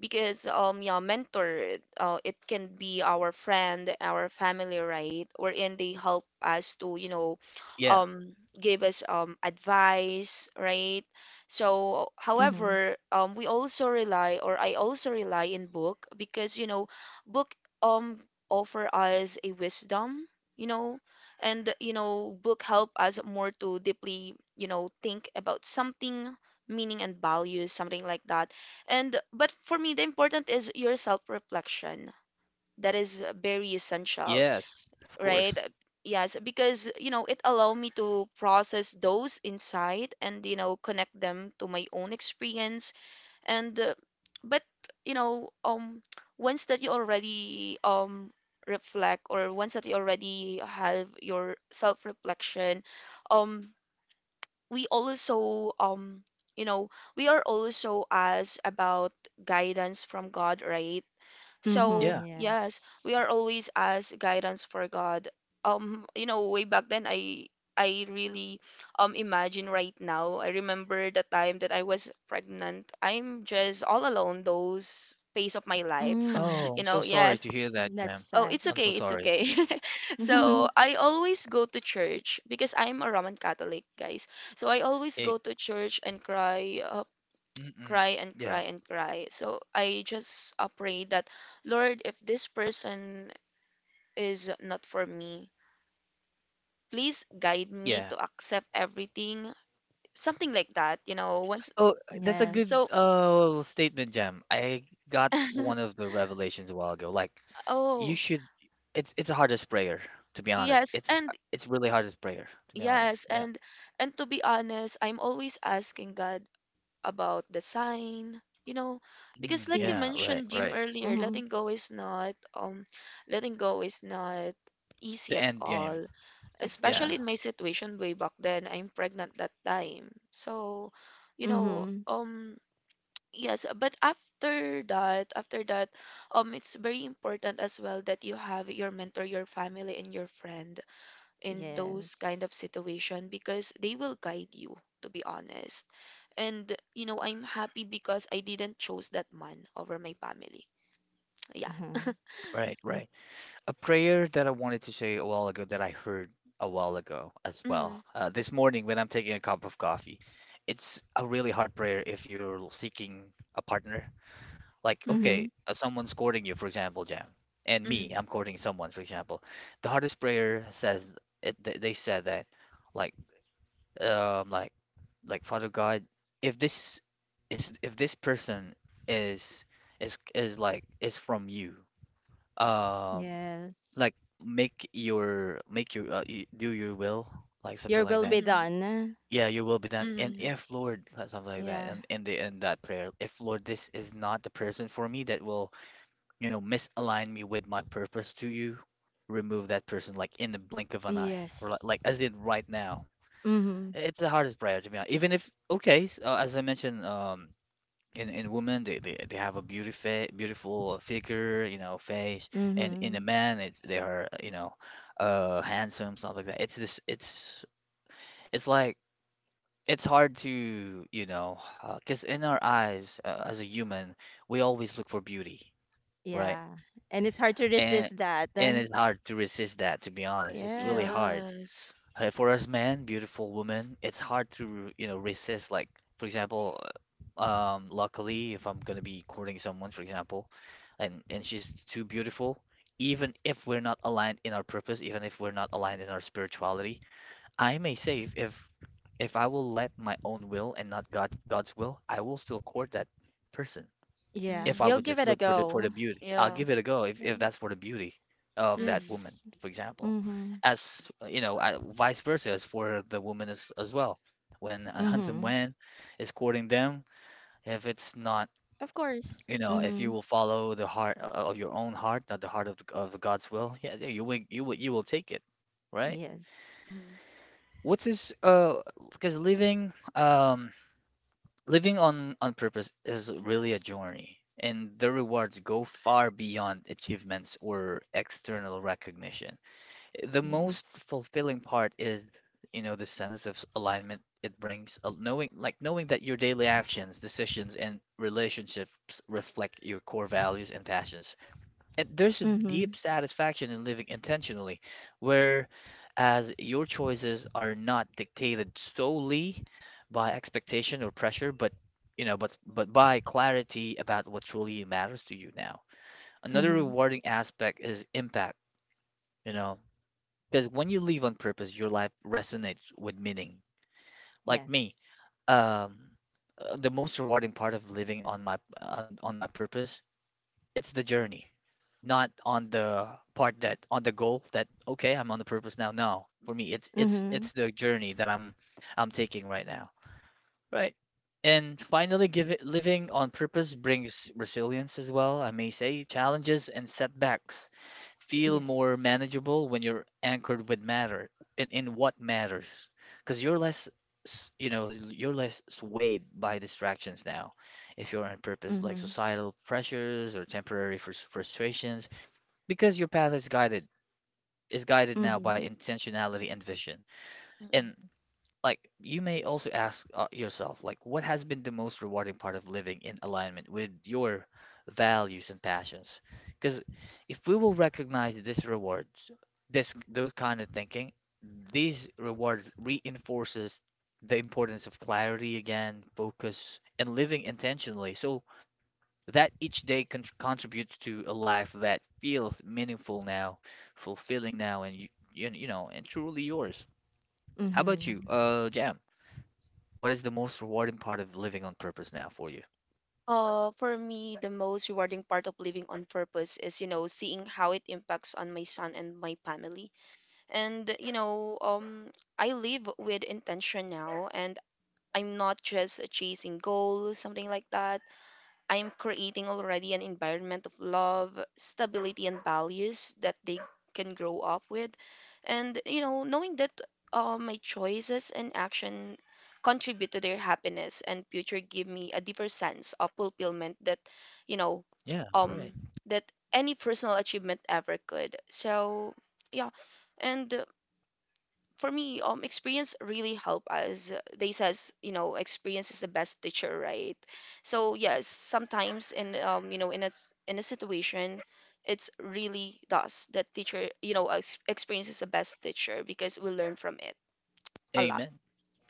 B: because yeah, mentor, it can be our friend, our family, right? Wherein they help us to
A: Yeah,
B: give us advice, right? So
C: Mm-hmm.
B: however, we also rely, or I also rely in book because book um offer us a wisdom, you know and book help us more to deeply think about something, meaning and values, something like that. And but for me, the important is your self reflection. That is very essential,
A: yes, of course.
B: right? Yes, because it allow me to process those insight and connect them to my own experience. And but you know um once that you already reflect, or once that you already have your self reflection, um we also you know we are also asked about guidance from God, right? So
C: Mm-hmm.
A: Yeah.
B: yes, we
C: Yes.
B: are always asked guidance for God. Way back then, I really, imagine right now, I remember the time that I was pregnant, I'm just all alone those phase of my life.
C: Mm.
A: Oh, I'm
B: You
A: so
B: know?
A: sorry to
B: Yes.
A: hear that,
C: That's
A: Jam.
B: Oh,
C: sad.
B: it's
A: I'm so
B: okay. It's
A: sorry.
B: okay. So I always go to church because I'm a Roman Catholic, guys. So I always
A: Eh,
B: go to church and cry,
A: mm-mm.
B: cry and
A: Yeah,
B: cry and cry. So I just pray that, Lord, if this person is not for me, please guide me
A: yeah.
B: to accept everything, something like that. You know, once.
A: Oh, that's a
C: Yes.
A: good
B: So,
A: statement, Jam. I got one of the revelations a while ago. Like, you
B: oh,
A: should. It's a hardest prayer, to be honest.
B: yes,
A: It's
B: and
A: it's really hardest prayer, to be honest.
B: yes,
A: Yeah.
B: and to be honest, I'm always asking God about the sign, because
A: Mm,
B: like you
A: yeah.
C: Yes.
A: Right.
B: mentioned Jim
A: Right.
B: earlier,
C: Mm-hmm.
B: letting go is not, letting go is not easy
A: The
B: at
A: end game.
B: all,
C: Of
A: Yeah.
B: especially in my
C: course.
B: situation way back then, I'm pregnant that time, so
C: Mm-hmm.
B: you know um yes, but after that, it's very important as well that you have your mentor, your family, and your friend in those kind of
C: Yes.
B: situation because they will guide you, to be honest. And I'm happy because I didn't choose that man over my family. Yeah.
C: Uh-huh.
A: Right. Right. A prayer that I wanted to say a while ago that I heard a while ago as
B: Mm-hmm.
A: well. This morning when I'm taking a cup of coffee, it's a really hard prayer if you're seeking a partner. Like,
C: Mm-hmm.
B: Mm-hmm.
A: okay, someone's courting you, for example, Jam, and me,
B: Mm-hmm.
A: I'm courting someone, for example. The hardest prayer says it, they said that, like, um, like, like Father God, if this if this person is is like is from you, um
C: Yes.
A: like make your do your will, like something
C: Your
A: like
C: will be
A: that.
B: Mm-hmm.
C: done.
A: Yeah, your will be done. And
B: Mm-hmm.
A: if Lord,
C: Yeah.
A: like something like that, and in the in that prayer, if Lord this is not the person for me, that will, you know, misalign me with my purpose to you, remove that person like in the blink of an eye, or like
C: Yes.
A: as did right now.
C: Mm-hmm.
A: It's the hardest prayer, to be honest. Even if okay, as I mentioned, in women, they have a beauty fa beautiful figure, you know, face. And in a
C: Mm-hmm.
A: man, it's they are, you know, uh, handsome, stuff like that. It's it's like it's hard to, you know, because in our eyes, as a human, we always look for beauty, right?
C: Yeah. And it's hard to
A: and
C: resist that.
A: and it's hard to resist that, to be honest. It's really hard.
C: Yes.
B: Yes.
A: For us men, beautiful women, it's hard to, you know, resist. Like, for example, um, luckily if I'm gonna be courting someone, for example, and she's too beautiful. Even if we're not aligned in our purpose, even if we're not aligned in our spirituality, I may say if I will let my own will and not God's will, I will still court that person.
C: Yeah.
A: If
C: You'll
A: I
C: give
A: would
B: Mm-hmm.
C: it a
A: just look for the
C: go.
A: for the beauty, I'll
B: Yeah.
A: give it a go if
C: Yeah.
A: that's for the beauty of that
B: Mm-hmm.
A: woman,
C: Yes.
A: for example.
C: Mm-hmm.
A: As you know, I, vice versa as for the woman as well. When a handsome
C: Mm-hmm.
A: man is courting them, if it's not,
C: Of course.
A: you know,
C: Mm-hmm.
A: if you will follow the heart of your own heart, not the heart of the God's will, yeah, yeah, you will take it, right?
B: Mm-hmm.
C: Yes.
A: What's this? Because living on purpose is really a journey, and the rewards go far beyond achievements or external recognition. The most
C: Yes.
A: fulfilling part is, you know, the sense of alignment it brings, knowing like knowing that your daily actions, decisions, and relationships reflect your core values and passions. And there's a deep
C: Mm-hmm.
A: satisfaction in living intentionally, where as your choices are not dictated solely by expectation or pressure, but you know, but by clarity about what truly matters to you now. Another
C: Mm-hmm.
A: rewarding aspect is impact, you know, because when you live on purpose, your life resonates with meaning. Like me,
C: Yes.
A: um, the most rewarding part of living on my purpose, it's the journey, not on the part that on the goal that okay, I'm on the purpose now. No, for me, it's
C: Mm-hmm.
A: the journey that I'm taking right now. Right. And finally, give it, living on purpose brings resilience as well. I may say challenges and setbacks feel more
C: Yes.
A: manageable when you're anchored in what matters, because you're less you know you're less swayed by distractions now, if you're on purpose, like
C: Mm-hmm.
A: societal pressures or temporary frustrations, because your path is guided now by
C: Mm-hmm.
A: intentionality and vision. And
B: Mm-hmm.
A: like you may also ask, yourself, like what has been the most rewarding part of living in alignment with your values and passions? Because if we will recognize this rewards, this those kind of thinking, these rewards reinforces the importance of clarity again, focus and living intentionally, so that each day contributes to a life that feels meaningful now, fulfilling now, and you know, and truly yours. How about you,
C: Mm-hmm.
A: Jam? What is the most rewarding part of living on purpose now for you?
B: For me, the most rewarding part of living on purpose is, seeing how it impacts on my son and my family. And, I live with intention now, and I'm not just chasing goals, something like that. I'm creating already an environment of love, stability, and values that they can grow up with. And, knowing that my choices and action contribute to their happiness and future give me a deeper sense of fulfillment you know,
A: Yeah, right.
B: um, that any personal achievement ever could. So, yeah. And for me, experience really help us. They says, experience is the best teacher, right? So yes, sometimes in, in a situation, it's really does that teacher, experience is the best teacher because we learn from it a lot.
A: Amen.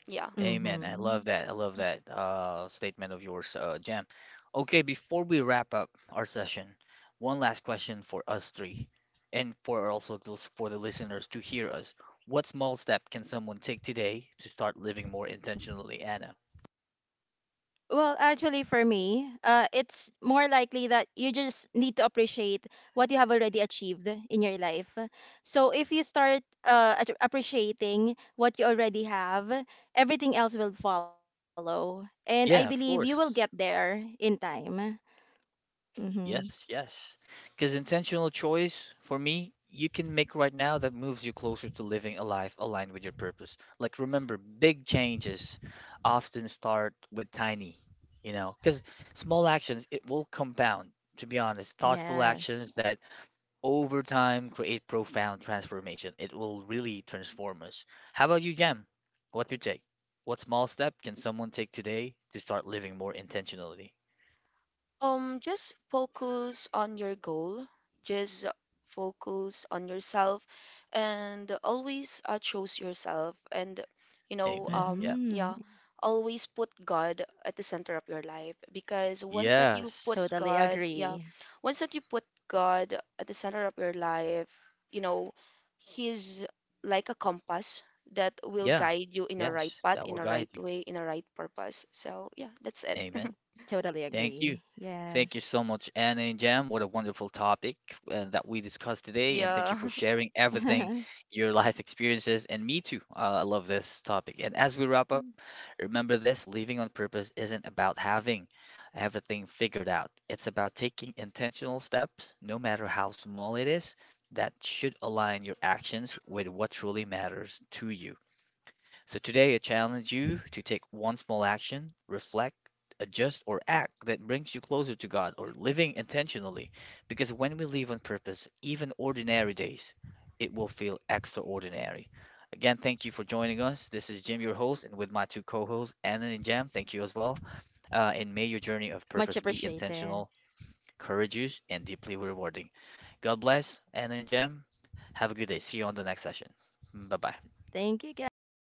B: Yeah.
A: Amen. I love that. I
C: Mm-hmm.
A: love that statement of yours, Jam. Okay, before we wrap up our session, one last question for us three, and for also those for the listeners to hear us. What small step can someone take today to start living more intentionally, Anna?
C: Well, actually, for me, it's more likely that you just need to appreciate what you have already achieved in your life. So if you start appreciating what you already have, everything else will follow. And I believe you
A: Yeah,
C: will
A: of
C: get
A: course.
C: there in time. Mm-hmm.
A: Yes, yes. Because intentional choice, for me, you can make right now that moves you closer to living a life aligned with your purpose. Like, remember, big changes often start with tiny, you know, because small actions, it will compound, to be honest. Thoughtful actions
C: Yes.
A: that over time create profound transformation. It will really transform us. How about you, Jam? What's you take? What small step can someone take today to start living more intentionally?
B: Just focus on your goal. Just focus on yourself and always choose yourself and
A: Amen. Yeah.
C: Mm-hmm.
B: yeah, always put God at the center of your life because
C: Totally
A: Yes.
C: agree.
B: Once that you put God at the center of your life, you know he's like a compass that will
A: Yeah,
B: guide you in a right
A: yes,
B: path,
A: that
B: in
A: will
B: a
A: guide
B: right
A: you.
B: way, in a right purpose. So yeah, that's it.
A: Amen.
C: Totally agree.
A: Thank you. Thank you
C: Yes.
A: so much, Anna and Jam. What a wonderful topic that we discussed today. And thank you for
B: Yeah.
A: sharing everything, your life experiences, and me too. I love this topic. And as we wrap up, remember this living on purpose isn't about having everything figured out, it's about taking intentional steps, no matter how small it is, that should align your actions with what truly matters to you. So today I challenge you to take one small action, reflect, adjust, or act that brings you closer to God or living intentionally. Because when we live on purpose, even ordinary days, it will feel extraordinary. Again, thank you for joining us. This is Jim, your host, and with my two co hosts, Anna and Jam, thank you as well. And may your
C: Much
A: journey of purpose be
C: appreciated.
A: intentional, courageous, and deeply rewarding. God bless, Anna and Jam. Have a good day. See you on the next session. Bye bye.
C: Thank you,
B: Bye.
C: guys.